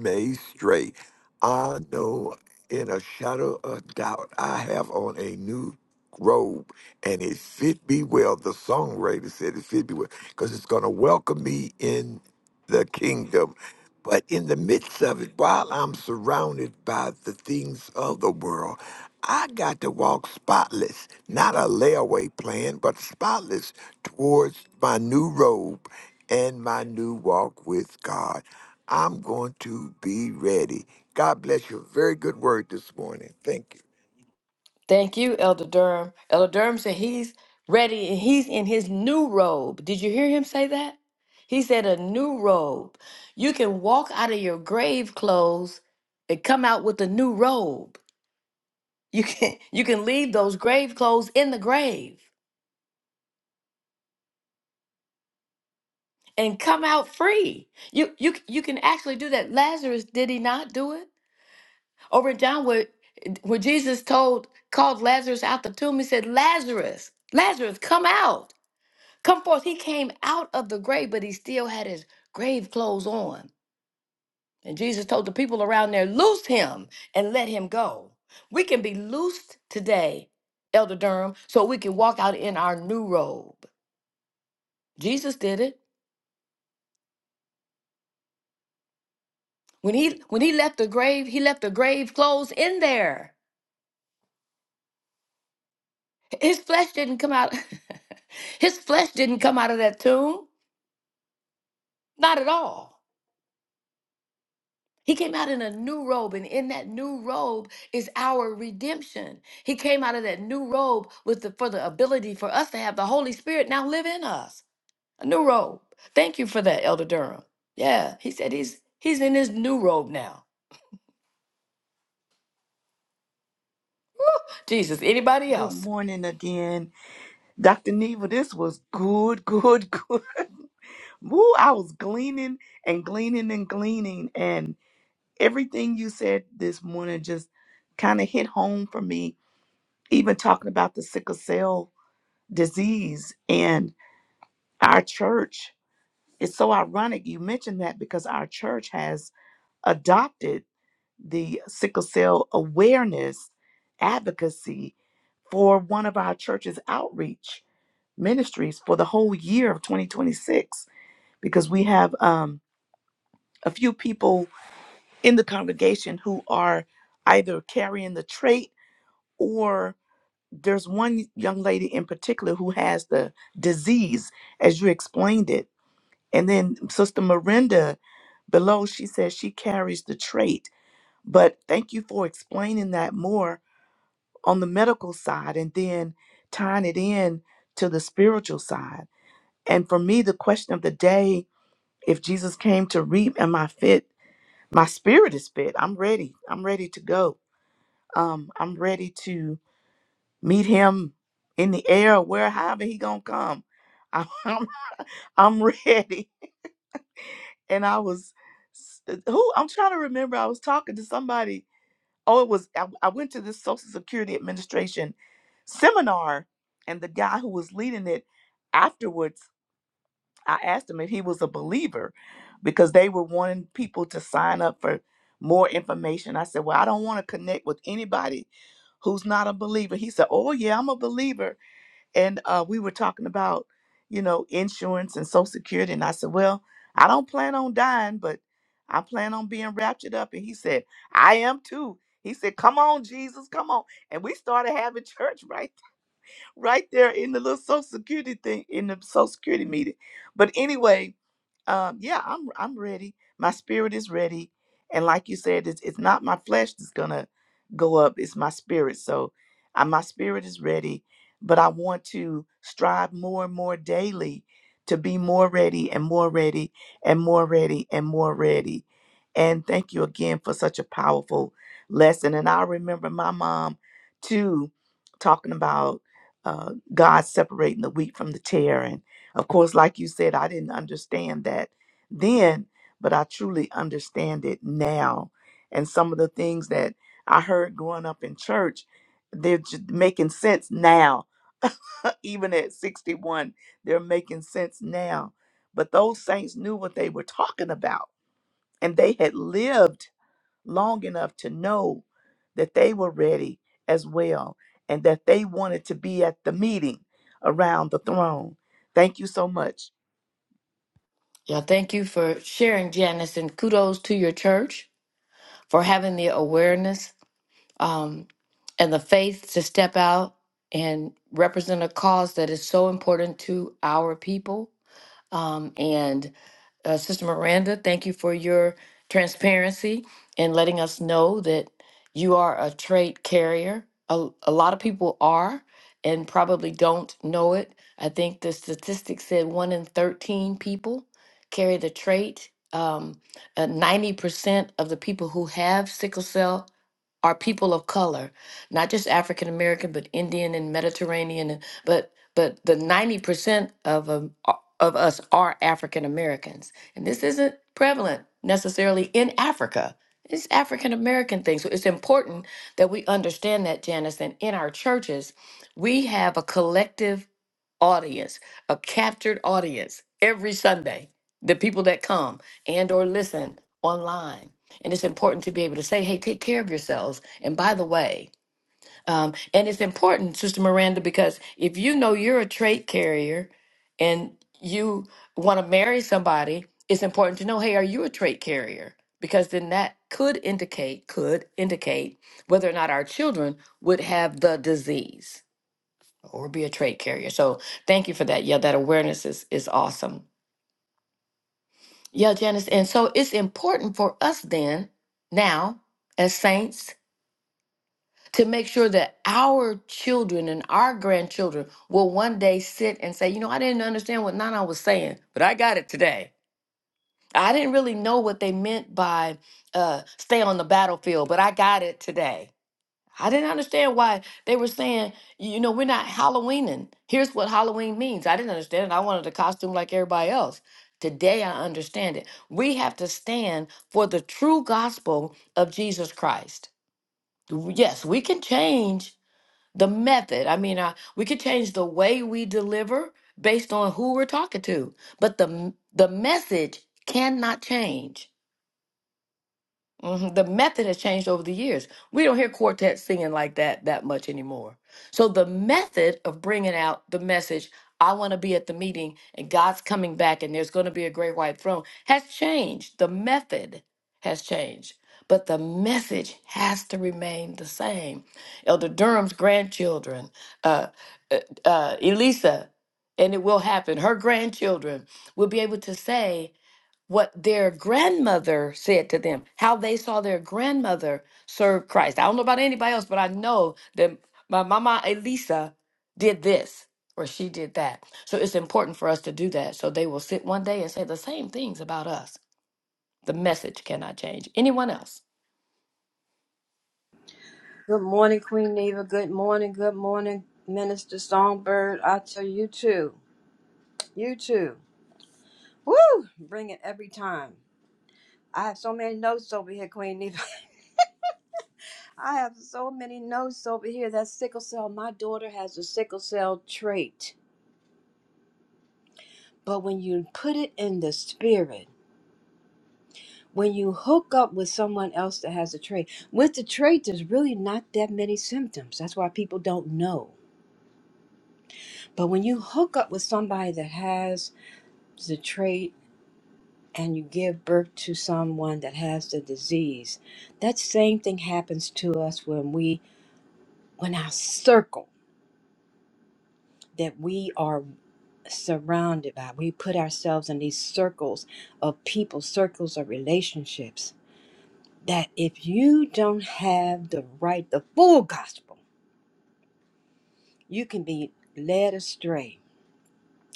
Speaker 4: made straight. I know in a shadow of doubt I have on a new robe And it fit me well. The songwriter said it fit me well because it's going to welcome me in the kingdom. But in the midst of it, while I'm surrounded by the things of the world, I got to walk spotless, not a layaway plan, but spotless towards my new robe and my new walk with God. I'm going to be ready. God bless you. Very good word this morning. Thank you.
Speaker 2: Thank you, Elder Durham. Elder Durham said he's ready and he's in his new robe. Did you hear him say that? He said a new robe. You can walk out of your grave clothes and come out with a new robe. You can you can leave those grave clothes in the grave. and come out free. You you you can actually do that. Lazarus did he not do it over in John where where Jesus told called Lazarus out the tomb? He said, Lazarus, Lazarus, come out, come forth. He came out of the grave, but he still had his grave clothes on. And Jesus told the people around there, loose him and let him go. We can be loosed today, Elder Durham, so we can walk out in our new robe. Jesus did it. When he when he left the grave, he left the grave clothes in there. His flesh didn't come out. His flesh didn't come out of that tomb. Not at all. He came out in a new robe, and in that new robe is our redemption. He came out of that new robe with the for the ability for us to have the Holy Spirit now live in us. A new robe. Thank you for that, Elder Durham. Yeah, he said he's he's in his new robe now. Jesus, anybody
Speaker 3: Good
Speaker 2: else?
Speaker 3: morning again. Dr. Neva, this was good, good, good. Woo, I was gleaning and gleaning and gleaning. And everything you said this morning just kind of hit home for me, even talking about the sickle cell disease and our church. It's so ironic you mentioned that because our church has adopted the sickle cell awareness advocacy for one of our church's outreach ministries for the whole year of 2026 because we have um, a few people in the congregation who are either carrying the trait or there's one young lady in particular who has the disease as you explained it and then sister Miranda below she says she carries the trait but thank you for explaining that more on the medical side and then tying it in to the spiritual side and for me the question of the day if Jesus came to reap am I fit my spirit is fit I'm ready I'm ready to go Um, I'm ready to meet him in the air, or where however he gonna come. I'm I'm ready. And I was s- uh, who I'm trying to remember. I was talking to somebody. Oh, it was I, I went to this Social Security Administration seminar, and the guy who was leading it afterwards I asked him if he was a believer because they were wanting people to sign up for more information. I said, Well, I don't want to connect with anybody who's not a believer. He said, Oh, yeah, I'm a believer. And uh, we were talking about, you know, insurance and Social Security. And I said, Well, I don't plan on dying, but I plan on being raptured up. And he said, I am too. He said, Come on, Jesus, come on. And we started having church right right there in the little social security thing in the social security meeting. But anyway, um, yeah, I'm I'm ready. My spirit is ready, and like you said, it's it's not my flesh that's gonna go up. It's my spirit. So, I, my spirit is ready, but I want to strive more and more daily to be more ready and more ready and more ready and more ready. And thank you again for such a powerful lesson. And I remember my mom too talking about uh, God separating the wheat from the tear. And of course, like you said, I didn't understand that then, but I truly understand it now. And some of the things that I heard growing up in church, they're just making sense now. Even at 61, they're making sense now. But those saints knew what they were talking about, and they had lived long enough to know that they were ready as well and that they wanted to be at the meeting around the throne. Thank you so much.
Speaker 2: Yeah, thank you for sharing, Janice, and kudos to your church. for having the awareness um, and the faith to step out and represent a cause that is so important to our people. Um, and uh, Sister Miranda, thank you for your transparency and letting us know that you are a trait carrier. A, a lot of people are and probably don't know it. I think the statistic said one in 13 people carry the trait. Um, uh, 90% of the people who have sickle cell are people of color, not just African American, but Indian and Mediterranean. and- But but the 90% of 'em of us are African Americans. And this isn't prevalent necessarily in Africa. It's African American thing. So it's important that we understand that, Janice, and in our churches, we have a collective audience, a captured audience every Sunday, the people that come and or listen online. And it's important to be able to say, hey, take care of yourselves. And by the way, um, and it's important, Sister Miranda, because if you know you're a trait carrier and you want to marry somebody, it's important to know, hey, are you a trait carrier? Because then that could indicate, could indicate whether or not our children would have the disease or be a trait carrier. So thank you for that. Yeah, that awareness is is awesome. Yeah, Janice. And so it's important for us then, now, as saints, to make sure that our children and our grandchildren will one day sit and say, you know, I didn't understand what Nana was saying, but I got it today. I didn't really know what they meant by uh, stay on the battlefield, but I got it today. I didn't understand why they were saying, you know, we're not Halloweening. Here's what Halloween means. I didn't understand it. I wanted a costume like everybody else. Today I understand it. We have to stand for the true gospel of Jesus Christ. Yes, we can change the method. I mean, I, we could change the way we deliver based on who we're talking to, but the m- the message cannot change hmm The method has changed over the years. We don't hear quartets singing like that that much anymore. So the method of bringing out the message, I want to be at the meeting and God's coming back and there's going to be a great white throne has changed. The method has changed, but the message has to remain the same. Elder Durham's grandchildren, uh, uh, uh, Elisa, and it will happen. Her grandchildren will be able to say what their grandmother said to them, how they saw their grandmother serve Christ. I don't know about anybody else, but I know that my mama Elisa did this or she did that. So it's important for us to do that. So they will sit one day and say the same things about us. The message cannot change. Anyone else?
Speaker 5: Good morning, Queen Neva. Good morning. Good morning, Minister Songbird. I tell you too. You too. Woo! Bring it every time. I have so many notes over here, Queen Neva. I have so many notes over here. That sickle cell, my daughter has a sickle cell trait. But when you put it in the spirit, when you hook up with someone else that has a trait, with the trait, there's really not that many symptoms. That's why people don't know. But when you hook up with somebody that has the trait and you give birth to someone that has the disease that same thing happens to us when we when our circle that we are surrounded by we put ourselves in these circles of people circles of relationships that if you don't have the right the full gospel you can be led astray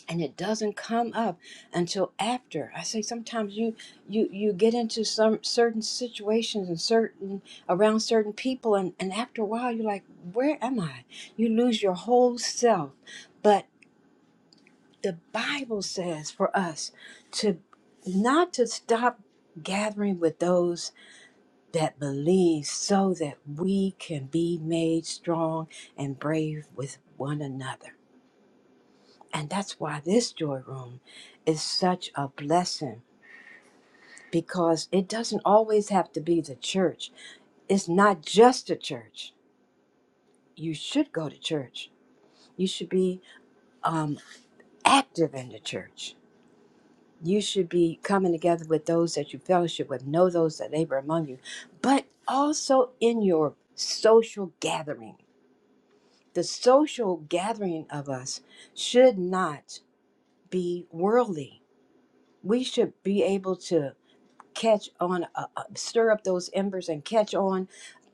Speaker 5: and it doesn't come up until after i say sometimes you you you get into some certain situations and certain around certain people and and after a while you're like where am i you lose your whole self but the bible says for us to not to stop gathering with those that believe so that we can be made strong and brave with one another and that's why this joy room is such a blessing because it doesn't always have to be the church. It's not just a church. You should go to church. You should be um, active in the church. You should be coming together with those that you fellowship with, know those that labor among you, but also in your social gathering. The social gathering of us should not be worldly. We should be able to catch on, uh, uh, stir up those embers and catch on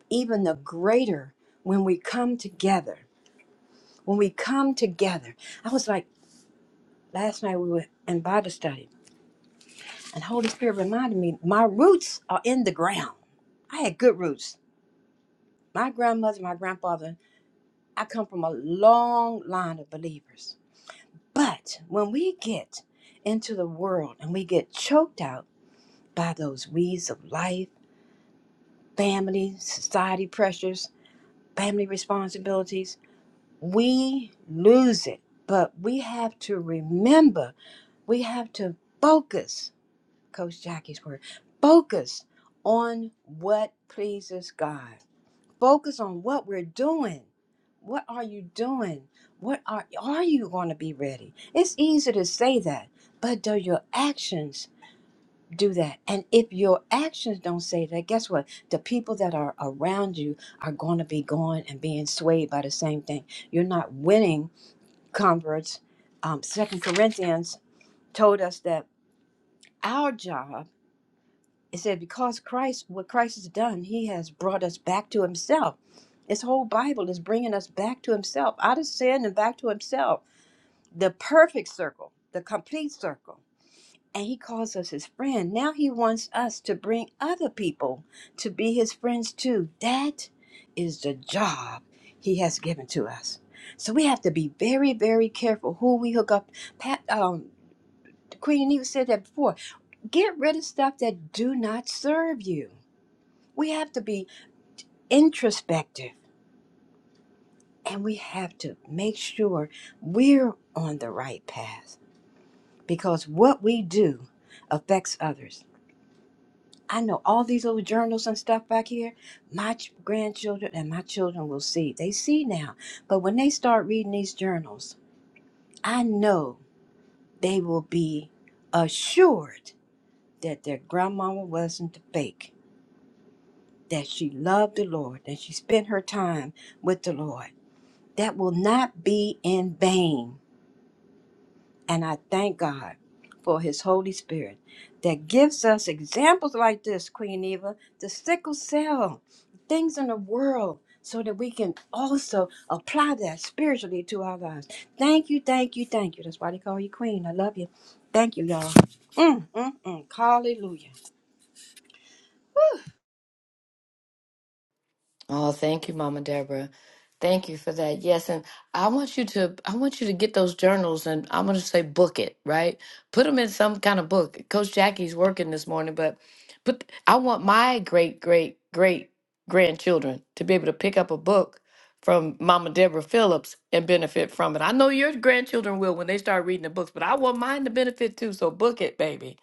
Speaker 5: even the greater when we come together. When we come together, I was like, last night we were in Bible study, and Holy Spirit reminded me, my roots are in the ground. I had good roots. My grandmother, my grandfather, I come from a long line of believers. But when we get into the world and we get choked out by those weeds of life, family, society pressures, family responsibilities, we lose it. But we have to remember, we have to focus, Coach Jackie's word, focus on what pleases God. Focus on what we're doing. What are you doing? What are are you going to be ready? It's easy to say that, but do your actions do that. And if your actions don't say that, guess what? The people that are around you are going to be going and being swayed by the same thing. You're not winning converts. Um, Second Corinthians told us that our job, it said, because Christ, what Christ has done, he has brought us back to himself. This whole Bible is bringing us back to himself, out of sin and back to himself. The perfect circle, the complete circle and he calls us his friend. Now he wants us to bring other people to be his friends too. That is the job he has given to us. So we have to be very, very careful who we hook up. Pat, um, Queen Eve said that before. Get rid of stuff that do not serve you. We have to be introspective and we have to make sure we're on the right path because what we do affects others I know all these little journals and stuff back here. My ch- grandchildren and my children will see. They see now. But when they start reading these journals, I know they will be assured that their grandmama wasn't fake, that she loved the Lord, that she spent her time with the Lord. That will not be in vain And I thank God for his Holy Spirit that gives us examples like this, Queen Eva, the sickle cell, things in the world, so that we can also apply that spiritually to our lives. Thank you, thank you, thank you. That's why they call you Queen. I love you. Thank you, y'all. Mm, mm, mm. Hallelujah.
Speaker 2: Oh, thank you, Mama Deborah. Thank you for that. Yes, and I want you to I want you to get those journals and I'm going to say book it, right? Put them in some kind of book. Coach Jackie's working this morning, but but I want my great great great grandchildren to be able to pick up a book from Mama Deborah Phillips and benefit from it. I know your grandchildren will when they start reading the books, but I want mine to benefit too, so book it, baby.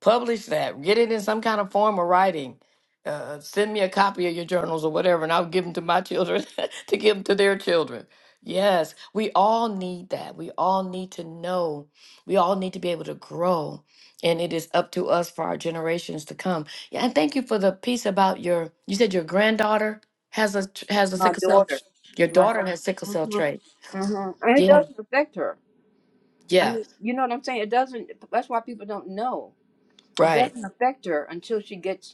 Speaker 2: Publish that. Get it in some kind of form of writing. Uh, send me a copy of your journals or whatever, and I'll give them to my children to give them to their children. Yes, we all need that. We all need to know. We all need to be able to grow. And it is up to us for our generations to come. Yeah, and thank you for the piece about your. You said your granddaughter has a tr- has a
Speaker 5: My
Speaker 2: sickle cell.
Speaker 5: daughter.
Speaker 2: tr- Your
Speaker 5: My
Speaker 2: daughter has sickle
Speaker 5: daughter.
Speaker 2: cell
Speaker 5: hmm
Speaker 2: trait.
Speaker 5: hmm And it
Speaker 2: Yeah,
Speaker 5: doesn't affect her. I
Speaker 2: yeah,
Speaker 5: mean, you know what I'm saying? It doesn't, that's why people don't know. It
Speaker 2: right.
Speaker 5: doesn't affect her until she gets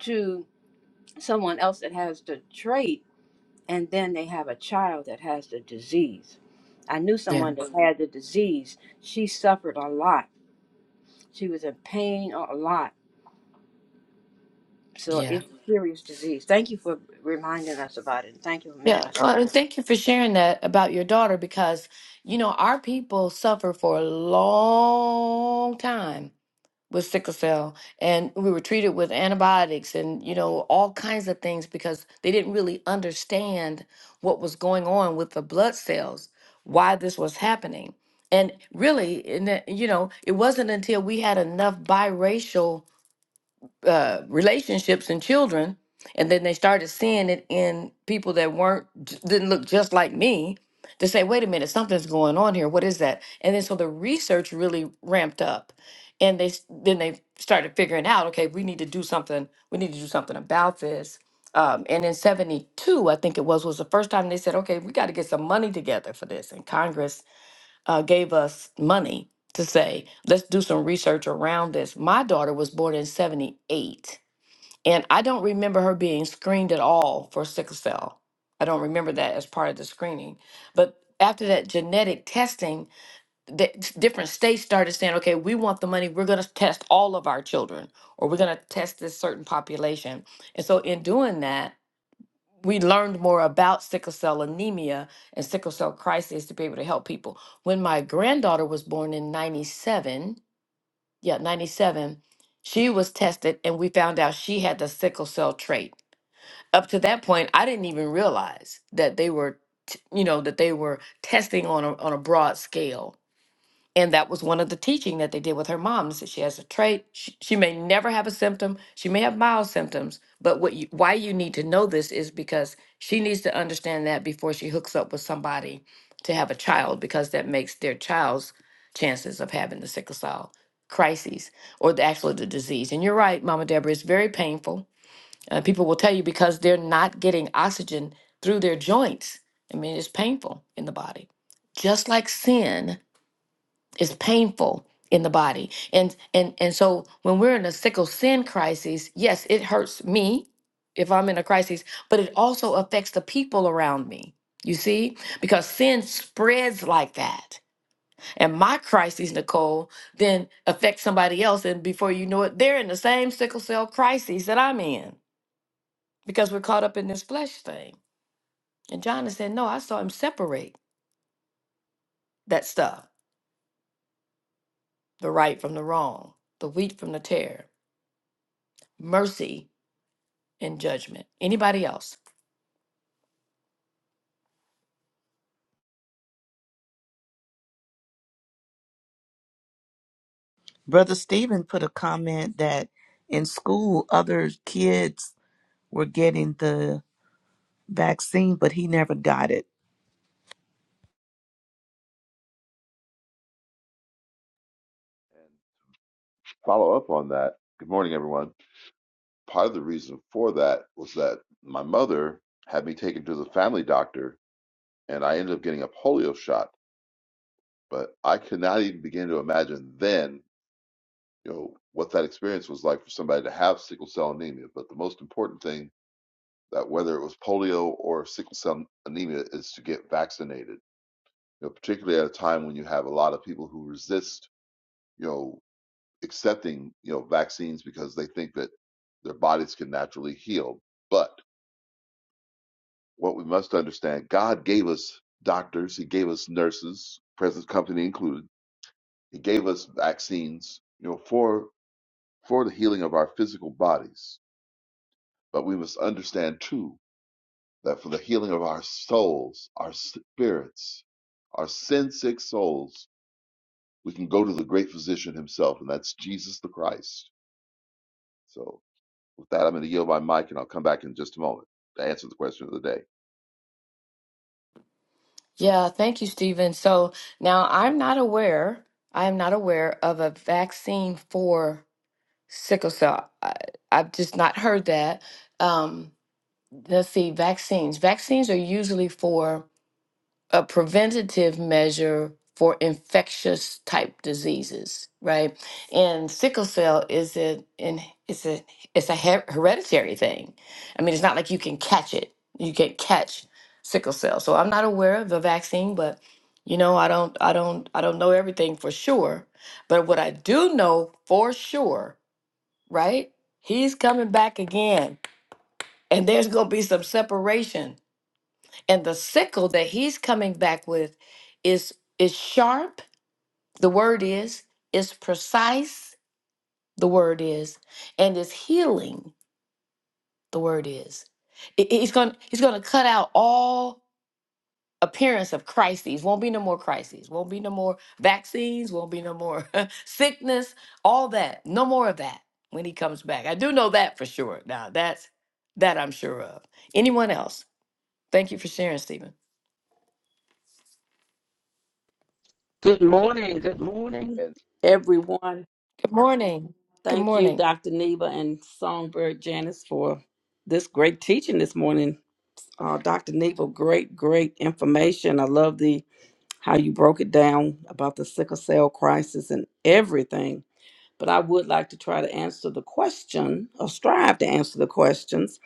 Speaker 5: to someone else that has the trait and then they have a child that has the disease. I knew
Speaker 2: Yeah,
Speaker 5: someone that had the disease. She suffered a lot. She was in pain a lot. So
Speaker 2: yeah.
Speaker 5: it's a serious disease. Thank you for reminding us about it. Thank you for making
Speaker 2: Yeah,
Speaker 5: us
Speaker 2: well, and
Speaker 5: aware.
Speaker 2: thank you for sharing that about your daughter because, you know, our people suffered for a long time with sickle cell and we were treated with antibiotics and, you know, all kinds of things because they didn't really understand what was going on with the blood cells, why this was happening. And really, in the, you know, it wasn't until we had enough biracial uh, relationships and children, and then they started seeing it in people that weren't j- didn't look just like me. To say, wait a minute, something's going on here. What is that? And then so the research really ramped up, and they s- then they started figuring out, okay, we need to do something. We need to do something about this. Um, and in '72, I think it was was the first time they said, okay, we got to get some money together for this in Congress uh, gave us money to say, let's do some research around this. My daughter was born in 78, and I don't remember her being screened at all for sickle cell. I don't remember that as part of the screening. But after that genetic testing, the different states started saying, okay, we want the money. We're going to test all of our children, or we're going to test this certain population. And so, in doing that, we learned more about sickle cell anemia and sickle cell crisis to be able to help people. When my granddaughter was born in 97, yeah, 97, she was tested and we found out she had the sickle cell trait. Up to that point, I didn't even realize that they were, t- you know, that they were testing on a, on a broad scale and that was one of the teaching that they did with her mom. They said she has a trait. She, she may never have a symptom. She may have mild symptoms. But what you, why you need to know this is because she needs to understand that before she hooks up with somebody to have a child, because that makes their child's chances of having the sickle cell crises or the actual the disease. And you're right, Mama Deborah. It's very painful. Uh, people will tell you because they're not getting oxygen through their joints. I mean, it's painful in the body, just like sin it's painful in the body. And and and so when we're in a sickle sin crisis, yes, it hurts me if I'm in a crisis, but it also affects the people around me. You see? Because sin spreads like that. And my crisis, Nicole, then affects somebody else and before you know it, they're in the same sickle cell crisis that I'm in because we're caught up in this flesh thing. And John is saying, "No, I saw him separate that stuff, the right from the wrong, the wheat from the tare." Mercy and judgment. Anybody else?
Speaker 3: Brother Stephen put a comment that in school, other kids were getting the vaccine, but he never got it.
Speaker 6: And follow up on that. Good morning, everyone. Part of the reason for that was that my mother had me taken to the family doctor, and I ended up getting a polio shot. But I could not even begin to imagine then, you know, what that experience was like for somebody to have sickle cell anemia. But the most important thing that whether it was polio or sickle cell anemia is to get vaccinated. You know, particularly at a time when you have a lot of people who resist, you know, accepting you know vaccines because they think that their bodies can naturally heal but what we must understand god gave us doctors he gave us nurses present company included he gave us vaccines you know for for the healing of our physical bodies but we must understand too that for the healing of our souls our spirits our sin sick souls we can go to the great physician himself and that's jesus the christ so With that, I'm going to yield my mic and I'll come back in just a moment to answer the question of the day.
Speaker 2: Yeah, thank you, Stephen. So now I'm not aware, I am not aware of a vaccine for sickle cell. I, I've just not heard that. Um, let's see, vaccines. Vaccines are usually for a preventative measure for infectious type diseases, right? And sickle cell is a in it's a it's a her- hereditary thing. I mean, it's not like you can catch it. You can catch sickle cell. So I'm not aware of the vaccine, but you know, I don't I don't I don't know everything for sure, but what I do know for sure, right? He's coming back again, and there's going to be some separation and the sickle that he's coming back with is is sharp, the word is, is precise, the word is, and is healing, the word is. I- i- He's going he's going to cut out all appearance of crises. Won't be no more crises. Won't be no more vaccines, won't be no more sickness, all that. No more of that when he comes back. I do know that for sure. Now, that's that I'm sure of. Anyone else? Thank you for sharing, Stephen.
Speaker 7: Good morning. Good morning,
Speaker 6: And
Speaker 7: everyone.
Speaker 2: Good morning. Good
Speaker 7: Thank you,
Speaker 2: morning.
Speaker 7: Dr. Neva and Songbird Janice, for this great teaching this morning. Uh, Dr. Neva, great, great information. I love the how you broke it down about the sickle cell crisis and everything. But I would like to try to answer the question, or strive to answer the questions.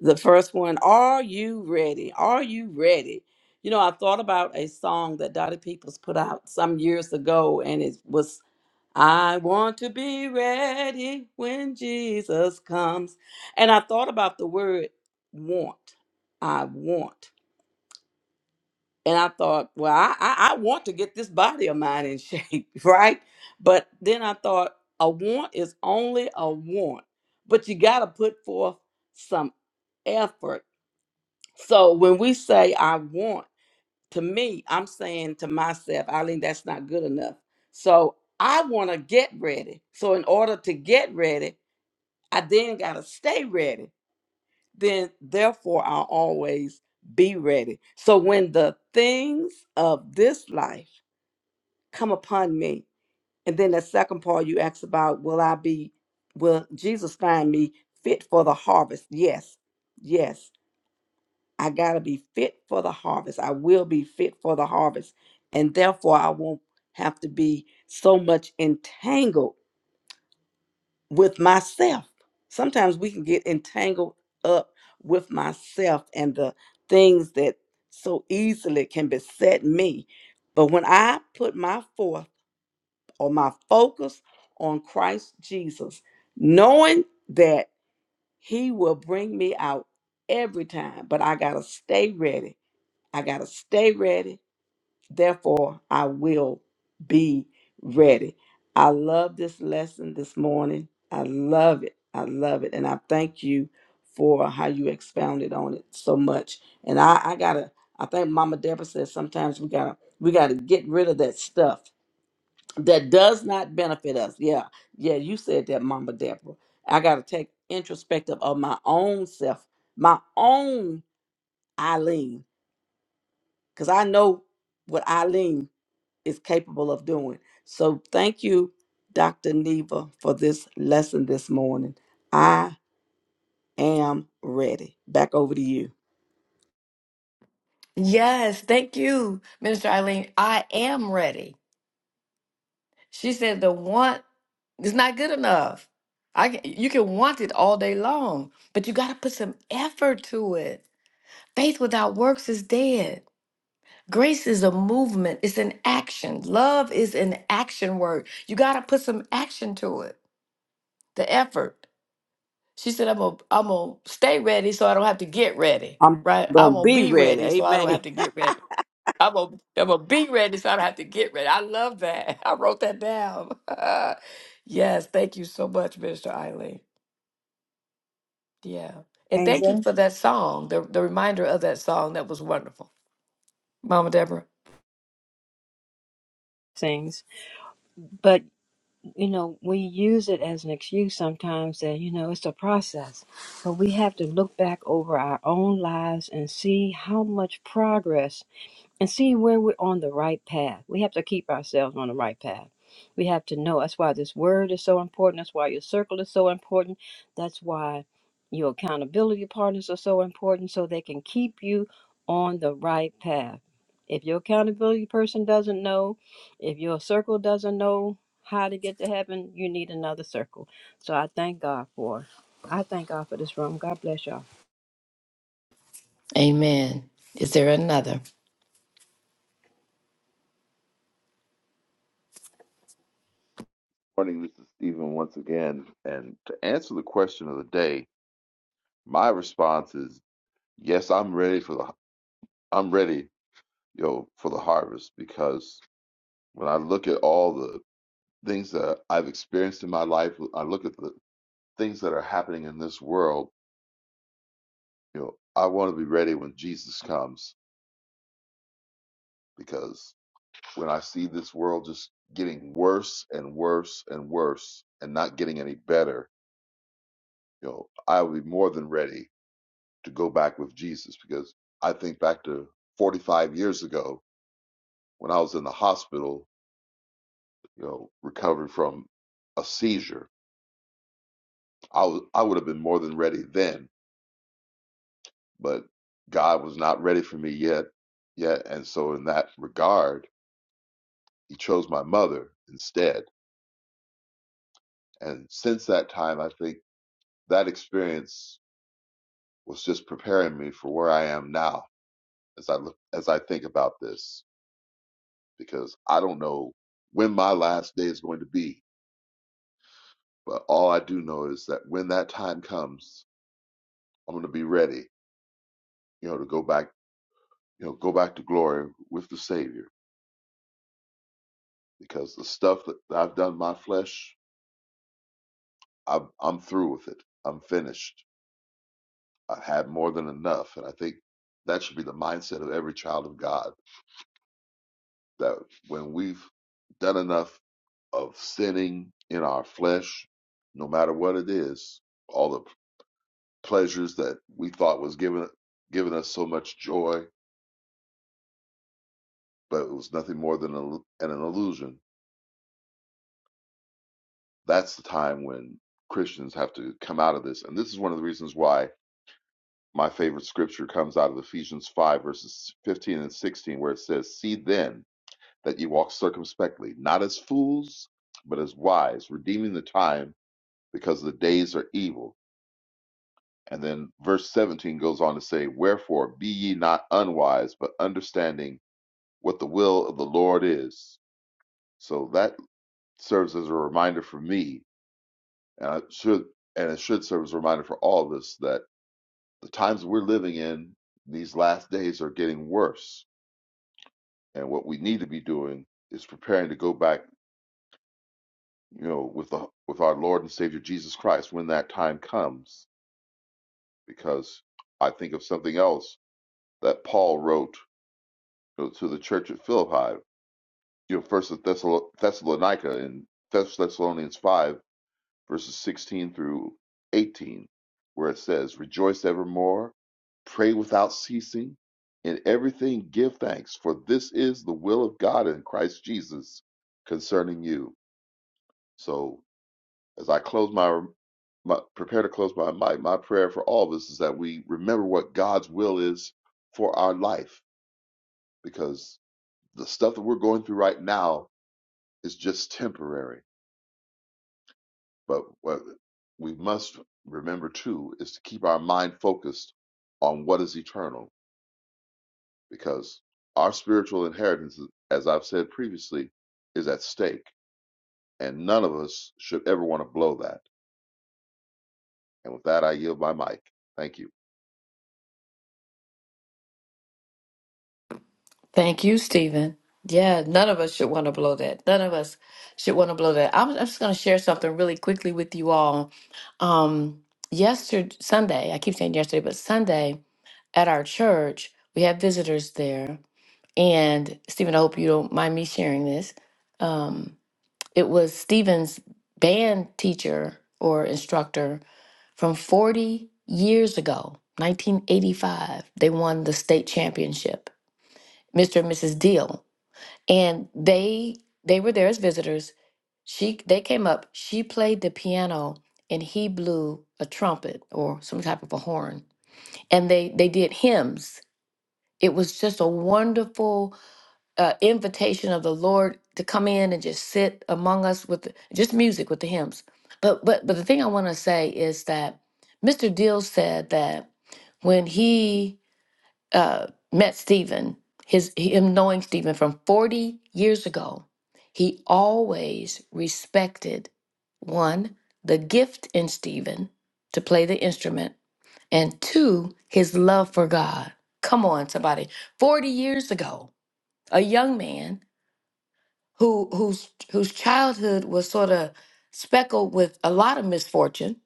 Speaker 7: The first one: Are you ready? Are you ready? You know, I thought about a song that Dottie Peoples put out some years ago, and it was I want to be ready when Jesus comes. And I thought about the word want. I want. And I thought, well, I, I, I want to get this body of mine in shape, right? But then I thought, a want is only a want, but you got to put forth some effort. So when we say, I want, to me, I'm saying to myself, Eileen, that's not good enough. So I want to get ready. So in order to get ready, I then got to stay ready. Then, therefore, I'll always be ready. So when the things of this life come upon me, and then the second part you asked about, will I be, will Jesus find me fit for the harvest? Yes, yes. I got to be fit for the harvest. I will be fit for the harvest. And therefore, I won't have to be so much entangled with myself. Sometimes we can get entangled up with myself and the things that so easily can beset me. But when I put my forth or my focus on Christ Jesus, knowing that He will bring me out every time, but I got to stay ready I got to stay ready. Therefore, I will be ready. I love this lesson this morning. I love it. I love it. And I thank you for how you expounded on it so much. And I, I got to, I think Mama Deborah says sometimes we got to, we got to get rid of that stuff that does not benefit us. Yeah. Yeah. You said that, Mama Deborah. I got to take introspective of my own self, my own Eileen because I know what Eileen is capable of doing. So thank you, Dr. Neva, for this lesson this morning. I am ready. Back over to you.
Speaker 2: Yes, thank you, Minister Eileen. I am ready. She said the want is not good enough. I can, you can want it all day long, but you got to put some effort to it. Faith without works is dead. Grace is a movement, it's an action. Love is an action word. You got to put some action to it. The effort. She said I'm gonna I'm gonna stay ready so I don't have to get ready,
Speaker 7: I'm
Speaker 2: right? I'm
Speaker 7: going to
Speaker 2: gonna
Speaker 7: be
Speaker 2: be
Speaker 7: ready.
Speaker 2: ready so I don't
Speaker 7: Amen.
Speaker 2: have to get ready. I'm gonna, I'm gonna be ready so I don't have to get ready. I love that. I wrote that down. yes, thank you so much, Mr. Eileen. Yeah. And
Speaker 5: and
Speaker 2: thank you
Speaker 5: your
Speaker 2: for that song, the, the reminder of that song. That was wonderful. Mama Deborah.
Speaker 5: things. But you know, we use it as an excuse sometimes that you know it's a process. But we have to look back over our own lives and see how much progress and see where we're on the right path. We have to keep ourselves on the right path. We have to know. That's why this word is so important. That's why your circle is so important. That's why your accountability partners are so important so they can keep you on the right path. If your accountability person doesn't know, if your circle doesn't know how to get to heaven, you need another circle. So I thank God for I thank God for this room. God bless y'all.
Speaker 2: Amen. Is there another?
Speaker 6: good morning, this is Stephen once again. And to answer the question of the day, my response is yes, I'm ready for the I'm ready, you know, for the harvest because when I look at all the things that I've experienced in my life, I look at the things that are happening in this world, you know, I want to be ready when Jesus comes because when I see this world just getting worse and worse and worse and not getting any better, you know, I will be more than ready to go back with Jesus because I think back to 45 years ago when I was in the hospital, you know, recovering from a seizure. I was I would have been more than ready then, but God was not ready for me yet, yet, and so in that regard, He chose my mother instead. And since that time, I think that experience was just preparing me for where I am now as I look as I think about this because I don't know when my last day is going to be, but all I do know is that when that time comes, I'm going to be ready, you know, to go back, you know, go back to glory with the Savior because the stuff that I've done my flesh, I'm I'm through with it. I'm finished. I've had more than enough, and I think that should be the mindset of every child of God that when we've done enough of sinning in our flesh, no matter what it is, all the pleasures that we thought was giving giving us so much joy, but it was nothing more than an an illusion. That's the time when Christians have to come out of this, and this is one of the reasons why my favorite scripture comes out of Ephesians five verses fifteen and sixteen, where it says, "See then that ye walk circumspectly, not as fools, but as wise, redeeming the time, because the days are evil." And then verse 17 goes on to say, Wherefore be ye not unwise, but understanding what the will of the Lord is. So that serves as a reminder for me, and I should and it should serve as a reminder for all of us that the times we're living in these last days are getting worse. And what we need to be doing is preparing to go back, you know, with the with our Lord and Savior Jesus Christ when that time comes. Because I think of something else that Paul wrote you know, to the church at Philippi you know, First Thessal- Thessalonica in Thess- Thessalonians five verses sixteen through eighteen, where it says, "Rejoice evermore, pray without ceasing, in everything give thanks, for this is the will of God in Christ Jesus concerning you." So, as I close my, my prepare to close my mic, my prayer for all of us is that we remember what God's will is for our life, because the stuff that we're going through right now is just temporary But what we must remember too is to keep our mind focused on what is eternal, because our spiritual inheritance, as I've said previously, is at stake, and none of us should ever want to blow that. And with that, I yield my mic. Thank you.
Speaker 2: Thank you, Stephen. Yeah, none of us should want to blow that. None of us should want to blow that. I'm, I'm just going to share something really quickly with you all. Um, yesterday, Sunday, I keep saying yesterday, but Sunday at our church, we had visitors there And Stephen, I hope you don't mind me sharing this. Um, it was Stephen's band teacher or instructor from 40 years ago, 1985. They won the state championship, Mr. and Mrs. Deal, and they they were there as visitors. She they came up. She played the piano and he blew a trumpet or some type of a horn, and they they did hymns. It was just a wonderful uh, invitation of the Lord to come in and just sit among us with the- just music with the hymns. But but but the thing I want to say is that Mr. Deal said that when he uh, met Stephen, his him knowing Stephen from forty years ago, he always respected one the gift in Stephen to play the instrument, and two his love for God. Come on, somebody. Forty years ago, a young man who whose whose childhood was sort of speckled with a lot of misfortune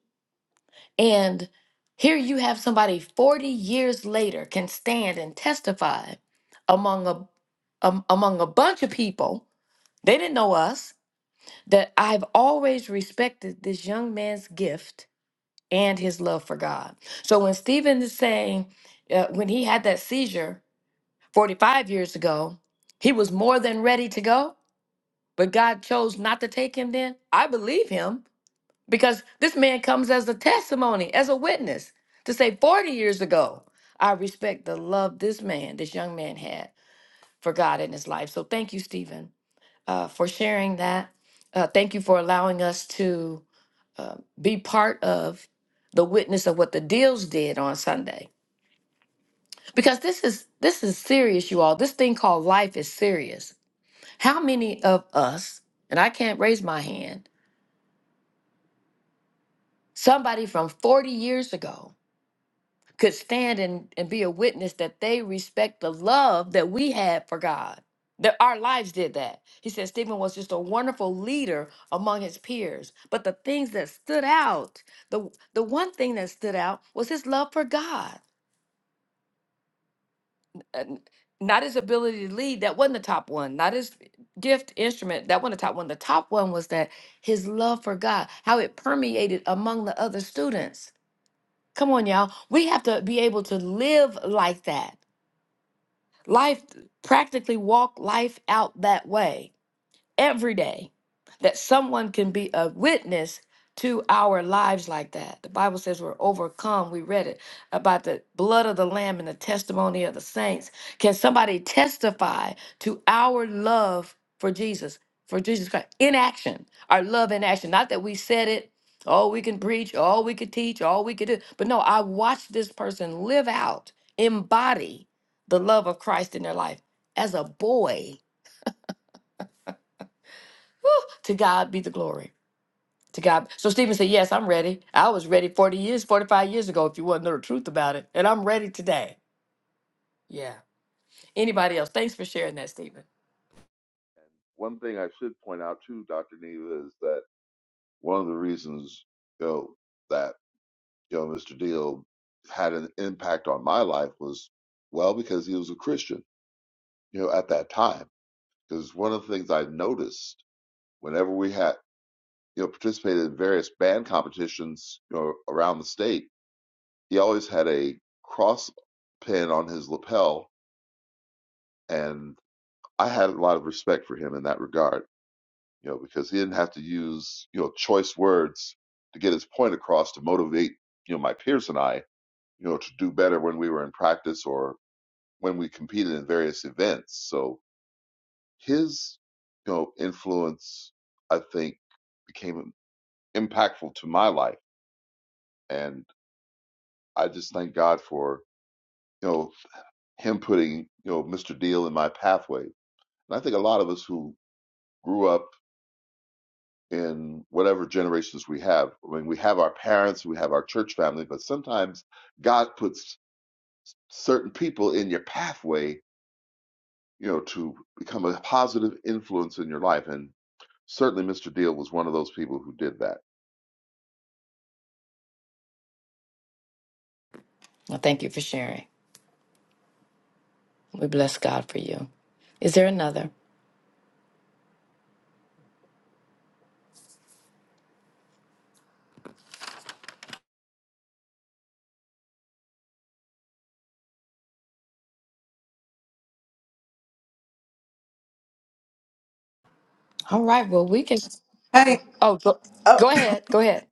Speaker 2: and here you have somebody 40 years later can stand and testify among a um, among a bunch of people they didn't know us that I've always respected this young man's gift and his love for God. So when Stephen is saying uh, when he had that seizure 45 years ago, he was more than ready to go but God chose not to take him then, I believe him because this man comes as a testimony, as a witness to say 40 years ago, I respect the love this man, this young man had for God in his life. So thank you, Stephen, uh, for sharing that. Uh, thank you for allowing us to uh, be part of the witness of what the deals did on Sunday. Because this is this is serious, you all. This thing called life is serious. How many of us, and I can't raise my hand, Somebody from 40 years ago could stand and, and be a witness that they respect the love that we had for God. That our lives did that. He said Stephen was just a wonderful leader among his peers. But the things that stood out, the the one thing that stood out was his love for God. And Not his ability to lead, that wasn't the top one. Not his gift instrument, that wasn't the top one. The top one was that his love for God, how it permeated among the other students Come on, y'all. We have to be able to live like that. Life, practically walk life out that way every day that someone can be a witness to our lives like that. The Bible says we're overcome. We read it about the blood of the Lamb and the testimony of the saints. Can somebody testify to our love for Jesus, for Jesus Christ, in action, our love in action? Not that we said it, all we can preach, all we could teach, all we could do. But no, I watched this person live out, embody the love of Christ in their life as a boy. Whew, to God be the glory. To God. So Stephen said, Yes, I'm ready. I was ready 40 years, 45 years ago, if you want to know the truth about it. And I'm ready today. Yeah. Anybody else? Thanks for sharing that, Stephen.
Speaker 6: And one thing I should point out too, Dr. Neva, is that one of the reasons, you know, that you know Mr. Deal had an impact on my life was well because he was a Christian, you know, at that time Because one of the things I noticed whenever we had, you know, participated in various band competitions, you know, around the state, he always had a cross pin on his lapel, and I had a lot of respect for him in that regard, you know, because he didn't have to use, you know, choice words to get his point across to motivate, you know, my peers and I, you know, to do better when we were in practice or when we competed in various events. So his, you know, influence, I think, became impactful to my life. And I just thank God for, you know, him putting, you know, Mr. Deal in my pathway. And I think a lot of us who grew up in whatever generations we have, I mean, we have our parents, we have our church family, but sometimes God puts certain people in your pathway, you know, to become a positive influence in your life. And certainly Mr. Deal was one of those people who did that.
Speaker 2: Well, thank you for sharing. We bless God for you. Is there another? All right. Well, we can. Oh, go, go ahead. Go ahead.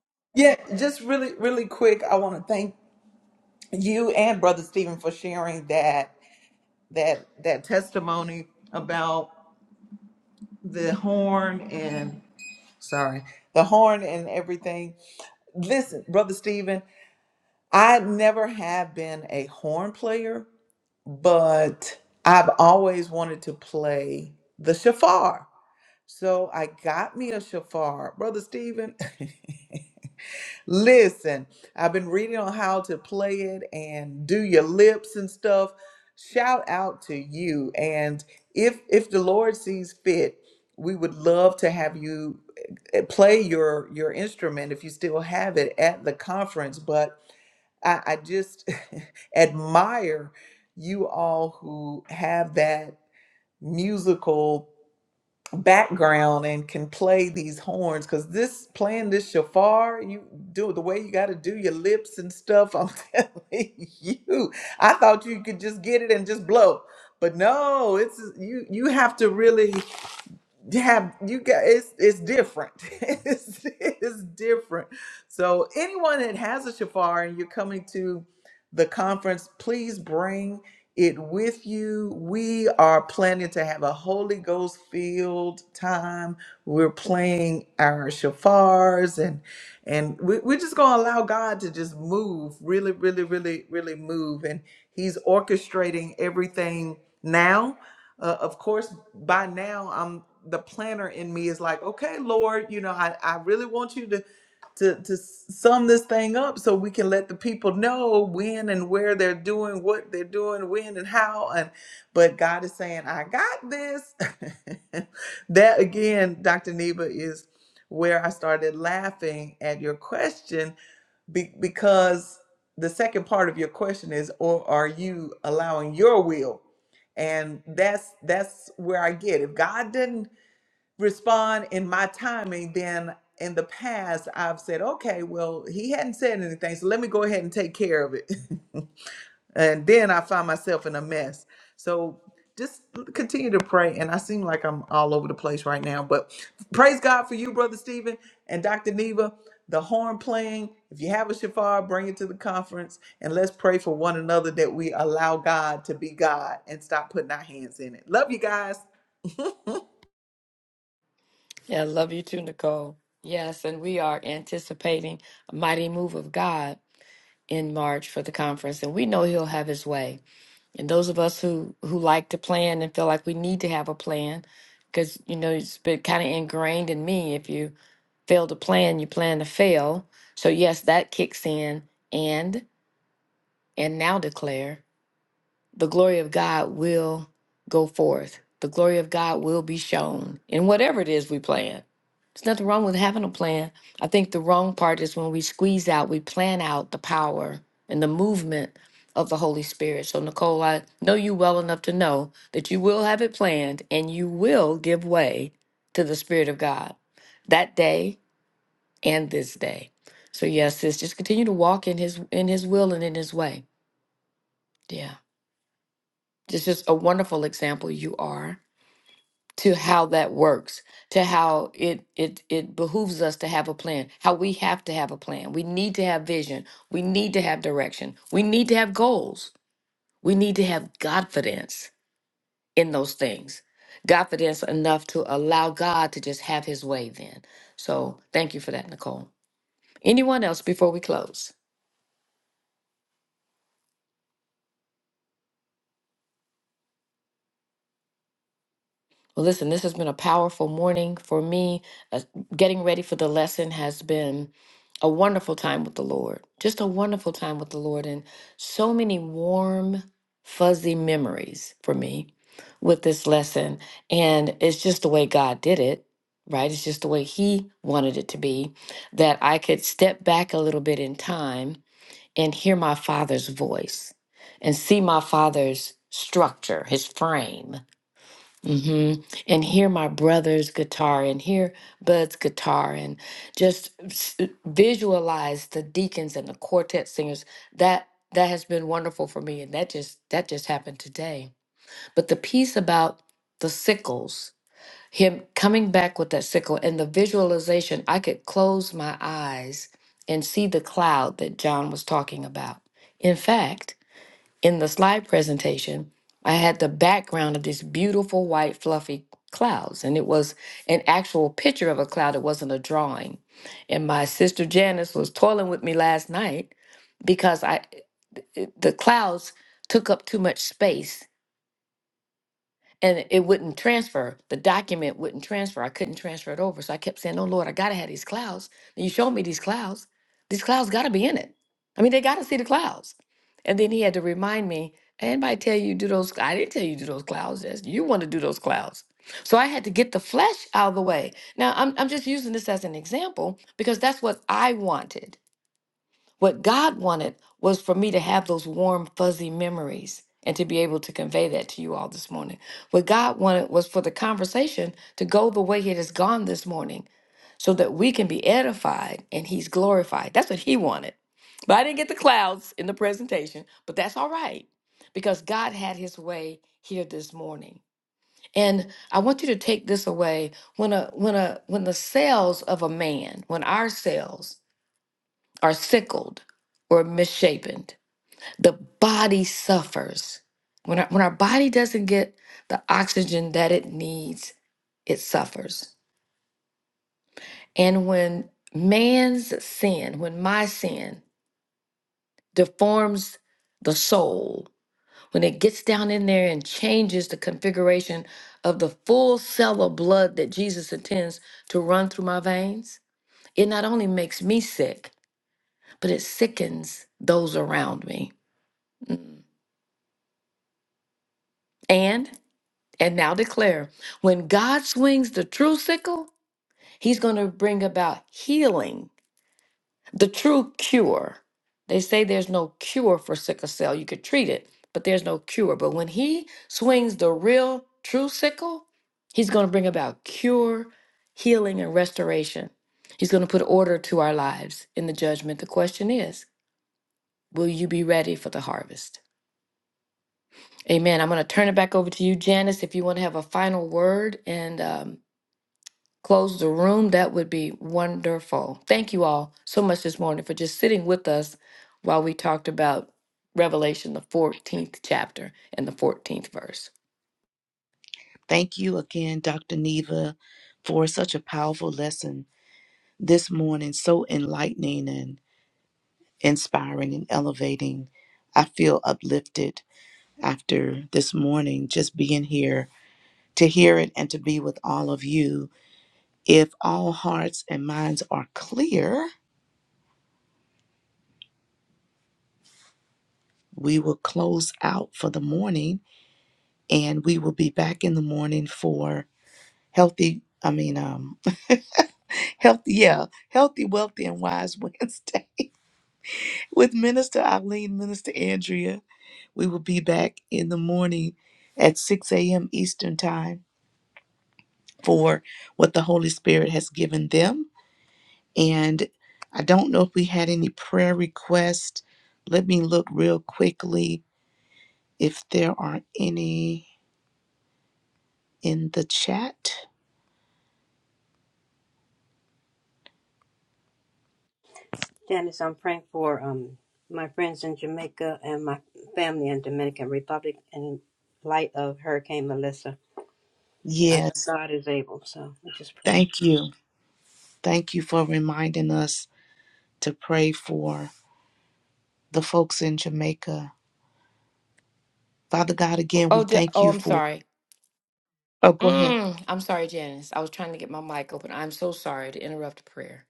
Speaker 2: Yeah, I love you too, Nicole. Yes, and we are anticipating a mighty move of God in March for the conference, and we know He'll have His way. And those of us who who like to plan and feel like we need to have a plan, because you know it's been kind of ingrained in me. If you fail to plan, you plan to fail. So yes, that kicks in, and and now declare the glory of God will go forth. The glory of God will be shown in whatever it is we plan. There's nothing wrong with having a plan. I think the wrong part is when we squeeze out, we plan out the power and the movement of the Holy Spirit. So, Nicole, I know you well enough to know that you will have it planned and you will give way to the Spirit of God that day and this day. So, yes, sis, just continue to walk in His in His will and in His way. Yeah, it's just a wonderful example you are. to how that works to how it it it behooves us to have a plan how we have to have a plan we need to have vision we need to have direction we need to have goals we need to have confidence in those things confidence enough to allow god to just have his way then so thank you for that nicole anyone else before we close Well, listen, this has been a powerful morning for me. Uh, getting ready for the lesson has been a wonderful time with the Lord, just a wonderful time with the Lord, and so many warm, fuzzy memories for me with this lesson. And it's just the way God did it, right? It's just the way He wanted it to be that I could step back a little bit in time and hear my Father's voice and see my Father's structure, His frame hmm And hear my brother's guitar and hear Bud's guitar and just s- visualize the deacons and the quartet singers. That that has been wonderful for me and that just that just happened today. But the piece about the sickles, him coming back with that sickle and the visualization, I could close my eyes and see the cloud that John was talking about. In fact, in the slide presentation, I had the background of these beautiful white fluffy clouds, and it was an actual picture of a cloud. It wasn't a drawing. And my sister Janice was toiling with me last night because I it- the clouds took up too much space and it wouldn't transfer. The document wouldn't transfer. I couldn't transfer it over. So I kept saying, Oh Lord, I gotta have these clouds. And you showed me these clouds. These clouds gotta be in it. I mean, they gotta see the clouds. And then he had to remind me, anybody tell you do those I didn't tell you do those clouds. That's you want to do those clouds. So I had to get the flesh out of the way. Now I'm I'm just using this as an example because that's what I wanted. What God wanted was for me to have those warm, fuzzy memories and to be able to convey that to you all this morning. What God wanted was for the conversation to go the way it has gone this morning so that we can be edified and He's glorified. That's what He wanted. But I didn't get the clouds in the presentation, but that's all right because God had His way here this morning. And I want you to take this away when a when a when the cells of a man, when our cells are sickled or misshapen. The body suffers. When our, when our body doesn't get the oxygen that it needs, it suffers. And when man's sin, when my sin deforms the soul, when it gets down in there and changes the configuration of the full cell of blood that Jesus intends to run through my veins, it not only makes me sick, but it sickens those around me. Mm. And and now declare when God swings the true sickle, he's going to bring about healing, the true cure. They say there's no cure for sickle cell. You could treat it, but there's no cure. But when he swings the real true sickle, he's going to bring about cure, healing, and restoration. He's going to put order to our lives in the judgment. The question is, will you be ready for the harvest? Amen. I'm going to turn it back over to you, Janice, if you want to have a final word and um, close the room, that would be wonderful. Thank you all so much this morning for just sitting with us while we talked about Revelation, the 14th chapter and the 14th verse.
Speaker 3: Thank you again, Dr. Neva, for such a powerful lesson this morning, so enlightening and inspiring and elevating. I feel uplifted after this morning, just being here to hear it and to be with all of you. If all hearts and minds are clear, we will close out for the morning and we will be back in the morning for healthy, I mean, um, healthy, yeah, healthy, wealthy, and wise Wednesday with Minister Eileen, Minister Andrea. We will be back in the morning at 6 a.m. Eastern Time for what the Holy Spirit has given them And I don't know if we had any prayer requests. Let me look real quickly if there are any in the chat.
Speaker 5: Janice, I'm praying for um my friends in Jamaica and my family in Dominican Republic in light of Hurricane Melissa. I know
Speaker 3: Yes,
Speaker 5: God is able, so we just pray.
Speaker 3: thank you. Thank you for reminding us to pray for the folks in Jamaica. Father God, again, we
Speaker 2: Oh, di-
Speaker 3: thank
Speaker 2: oh,
Speaker 3: you
Speaker 2: I'm
Speaker 3: for.
Speaker 2: sorry.
Speaker 3: Oh, go ahead.
Speaker 2: Mm, I'm sorry, Janice. I was trying to get my mic open. I'm so sorry to interrupt prayer.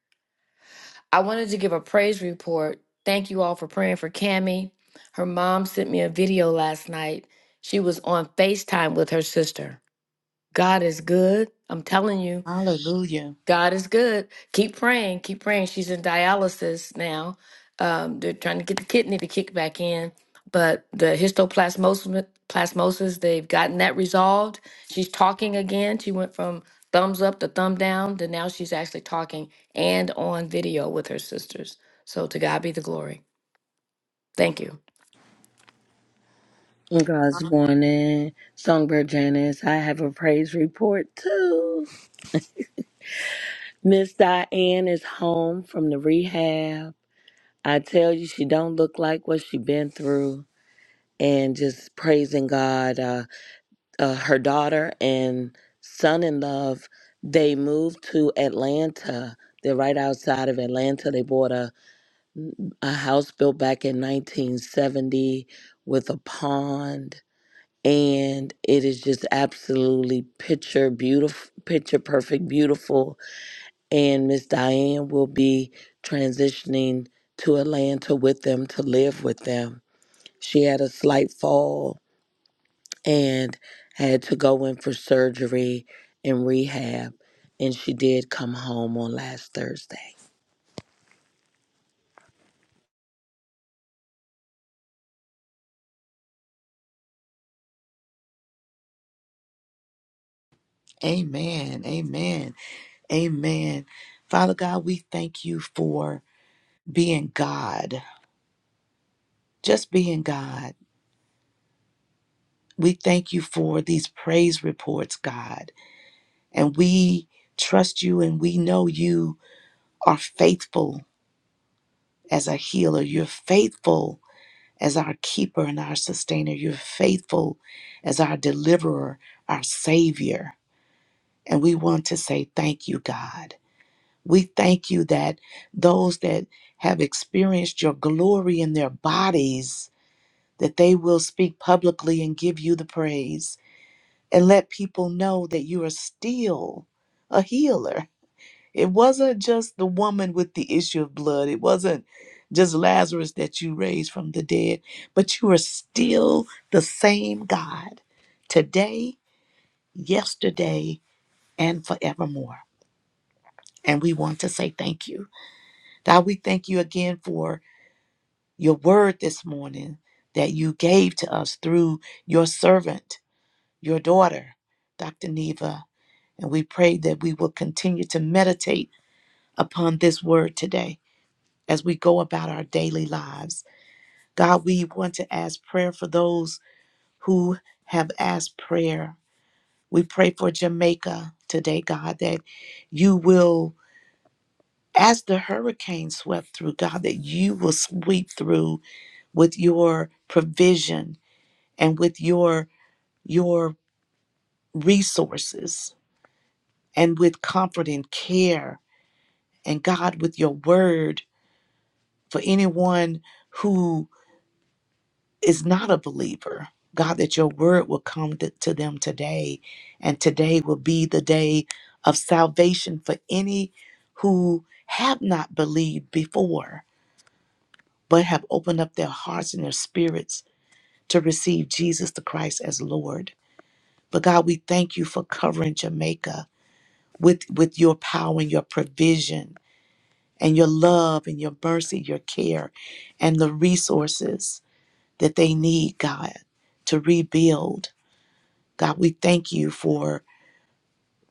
Speaker 2: I wanted to give a praise report. Thank you all for praying for Cammie. Her mom sent me a video last night. She was on FaceTime with her sister. God is good. I'm telling you.
Speaker 3: Hallelujah.
Speaker 2: God is good. Keep praying. Keep praying. She's in dialysis now. Um, they're trying to get the kidney to kick back in, but the histoplasmosis, plasmosis, they've gotten that resolved. She's talking again. She went from thumbs up to thumb down to now she's actually talking and on video with her sisters. So to God be the glory. Thank you.
Speaker 8: God's morning, Songbird Janice. I have a praise report too. Miss Diane is home from the rehab. I tell you, she don't look like what she been through, and just praising God. Uh, uh, her daughter and son-in-law, they moved to Atlanta. They're right outside of Atlanta. They bought a, a house built back in 1970 with a pond and it is just absolutely picture beautiful picture perfect beautiful and miss diane will be transitioning to atlanta with them to live with them she had a slight fall and had to go in for surgery and rehab and she did come home on last thursday
Speaker 3: Amen. Amen. Amen. Father God, we thank you for being God, just being God. We thank you for these praise reports, God. And we trust you and we know you are faithful as our healer. You're faithful as our keeper and our sustainer. You're faithful as our deliverer, our savior. And we want to say thank you, God. We thank you that those that have experienced your glory in their bodies, that they will speak publicly and give you the praise. and let people know that you are still a healer. It wasn't just the woman with the issue of blood, it wasn't just Lazarus that you raised from the dead, but you are still the same God today, yesterday, and forevermore. And we want to say thank you. God, we thank you again for your word this morning that you gave to us through your servant, your daughter, Dr. Neva. And we pray that we will continue to meditate upon this word today as we go about our daily lives. God, we want to ask prayer for those who have asked prayer. We pray for Jamaica today, God, that you will, as the hurricane swept through, God, that you will sweep through with your provision and with your your resources and with comfort and care and God with your word for anyone who is not a believer. God, that your word will come to, to them today, and today will be the day of salvation for any who have not believed before, but have opened up their hearts and their spirits to receive Jesus the Christ as Lord. But God, we thank you for covering Jamaica with, with your power and your provision and your love and your mercy, your care and the resources that they need, God, to rebuild. God, we thank you for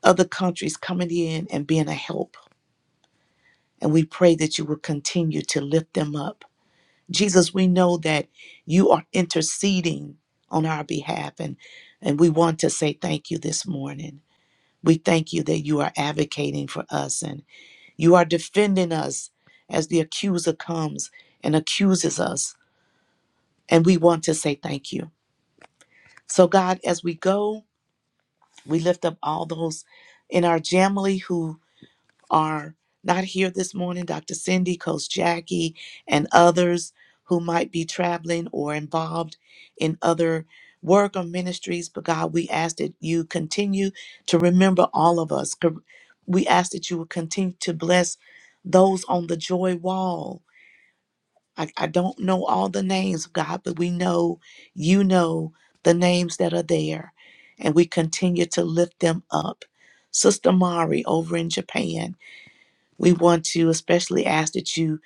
Speaker 3: other countries coming in and being a help. And we pray that you will continue to lift them up. Jesus, we know that you are interceding on our behalf, and, and we want to say thank you this morning. We thank you that you are advocating for us and you are defending us as the accuser comes and accuses us. And we want to say thank you. So, God, as we go, We lift up all those in our family who are not here this morning Dr. Cindy, Coach Jackie, and others who might be traveling or involved in other work or ministries. But God, we ask that you continue to remember all of us. Co- We ask that you will continue to bless those on the joy wall I, I don't know all the names, God, but we know you know the names that are there, and we continue to lift them up. Sister Mari over in Japan, we want to especially ask that you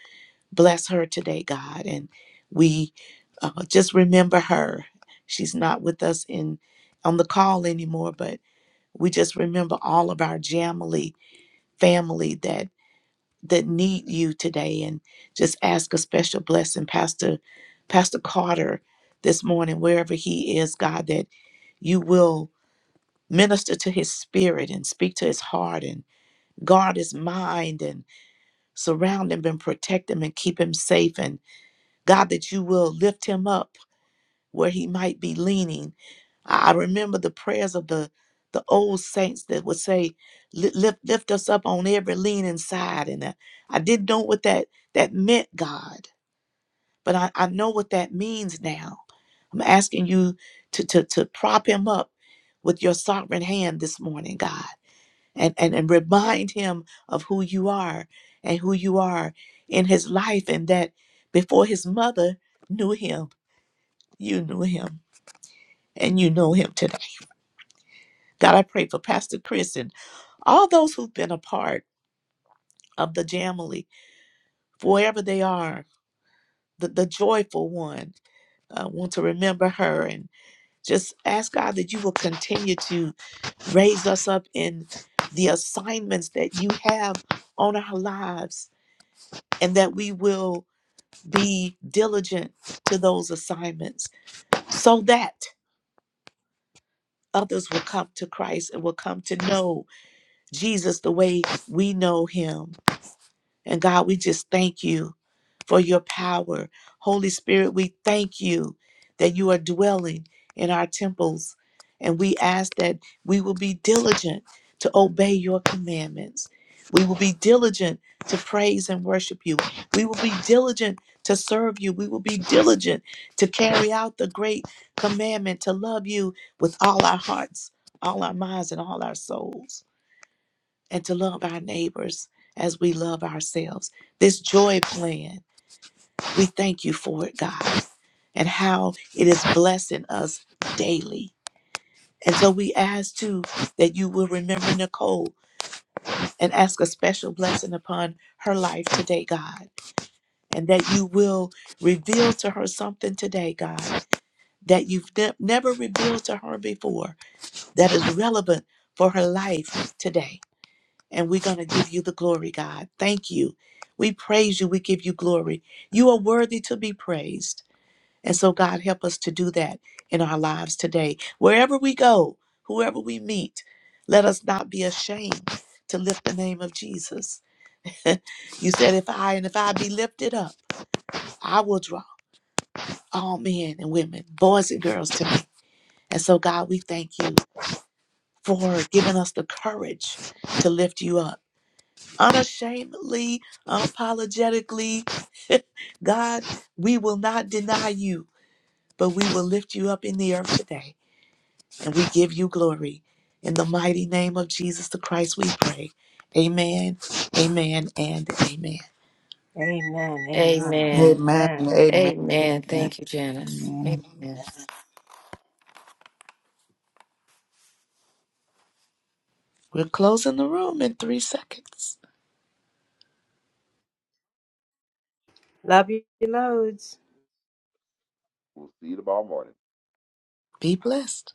Speaker 3: bless her today, God, and we uh, just remember her. She's not with us in on the call anymore, but we just remember all of our Jamily family that that need you today and just ask a special blessing pastor pastor carter this morning wherever he is god that you will minister to his spirit and speak to his heart and guard his mind and surround him and protect him and keep him safe and god that you will lift him up where he might be leaning. I I remember the prayers of the the old saints that would say, "Li- "Lift, lift us up on every leaning side," and I, I didn't know what that that meant, God, but I, I know what that means now. I'm asking you to to to prop him up with your sovereign hand this morning, God, and and and remind him of who you are and who you are in his life, and that before his mother knew him, you knew him, and you know him today. God, I pray for Pastor Chris and all those who've been a part of the Jamily, wherever they are, the, the joyful one. I want to remember her and just ask God that you will continue to raise us up in the assignments that you have on our lives and that we will be diligent to those assignments so that others will come to Christ and will come to know Jesus the way we know him. And God, we just thank you for your power. Holy Spirit, we thank you that you are dwelling in our temples. And we ask that we will be diligent to obey your commandments. We will be diligent to praise and worship you. We will be diligent to serve you. We will be diligent to carry out the great commandment to love you with all our hearts, all our minds, and all our souls and to love our neighbors as we love ourselves. This joy plan, we thank you for it, God, and how it is blessing us daily. And so we ask too that you will remember Nicole and ask a special blessing upon her life today, God, and that you will reveal to her something today, God, that you've ne- never revealed to her before that is relevant for her life today. and we're going to give you the glory, God. Thank you. We praise you. We give you glory. You are worthy to be praised. And so, God, help us to do that in our lives today. Wherever we go, whoever we meet, let us not be ashamed to lift the name of Jesus. You said, if I and if I be lifted up, I will draw all men and women, boys and girls to me. And so, God, we thank you for giving us the courage to lift you up unashamedly, unapologetically, God, we will not deny you, but we will lift you up in the earth today, and we give you glory. In the mighty name of Jesus the Christ, we pray. Amen, amen, and amen.
Speaker 5: Amen. Amen.
Speaker 2: Amen.
Speaker 5: Amen.
Speaker 2: Amen. Thank you, Janice. Amen.
Speaker 3: We're closing the room in three seconds.
Speaker 5: Love you loads.
Speaker 6: We'll see you tomorrow morning.
Speaker 3: Be blessed.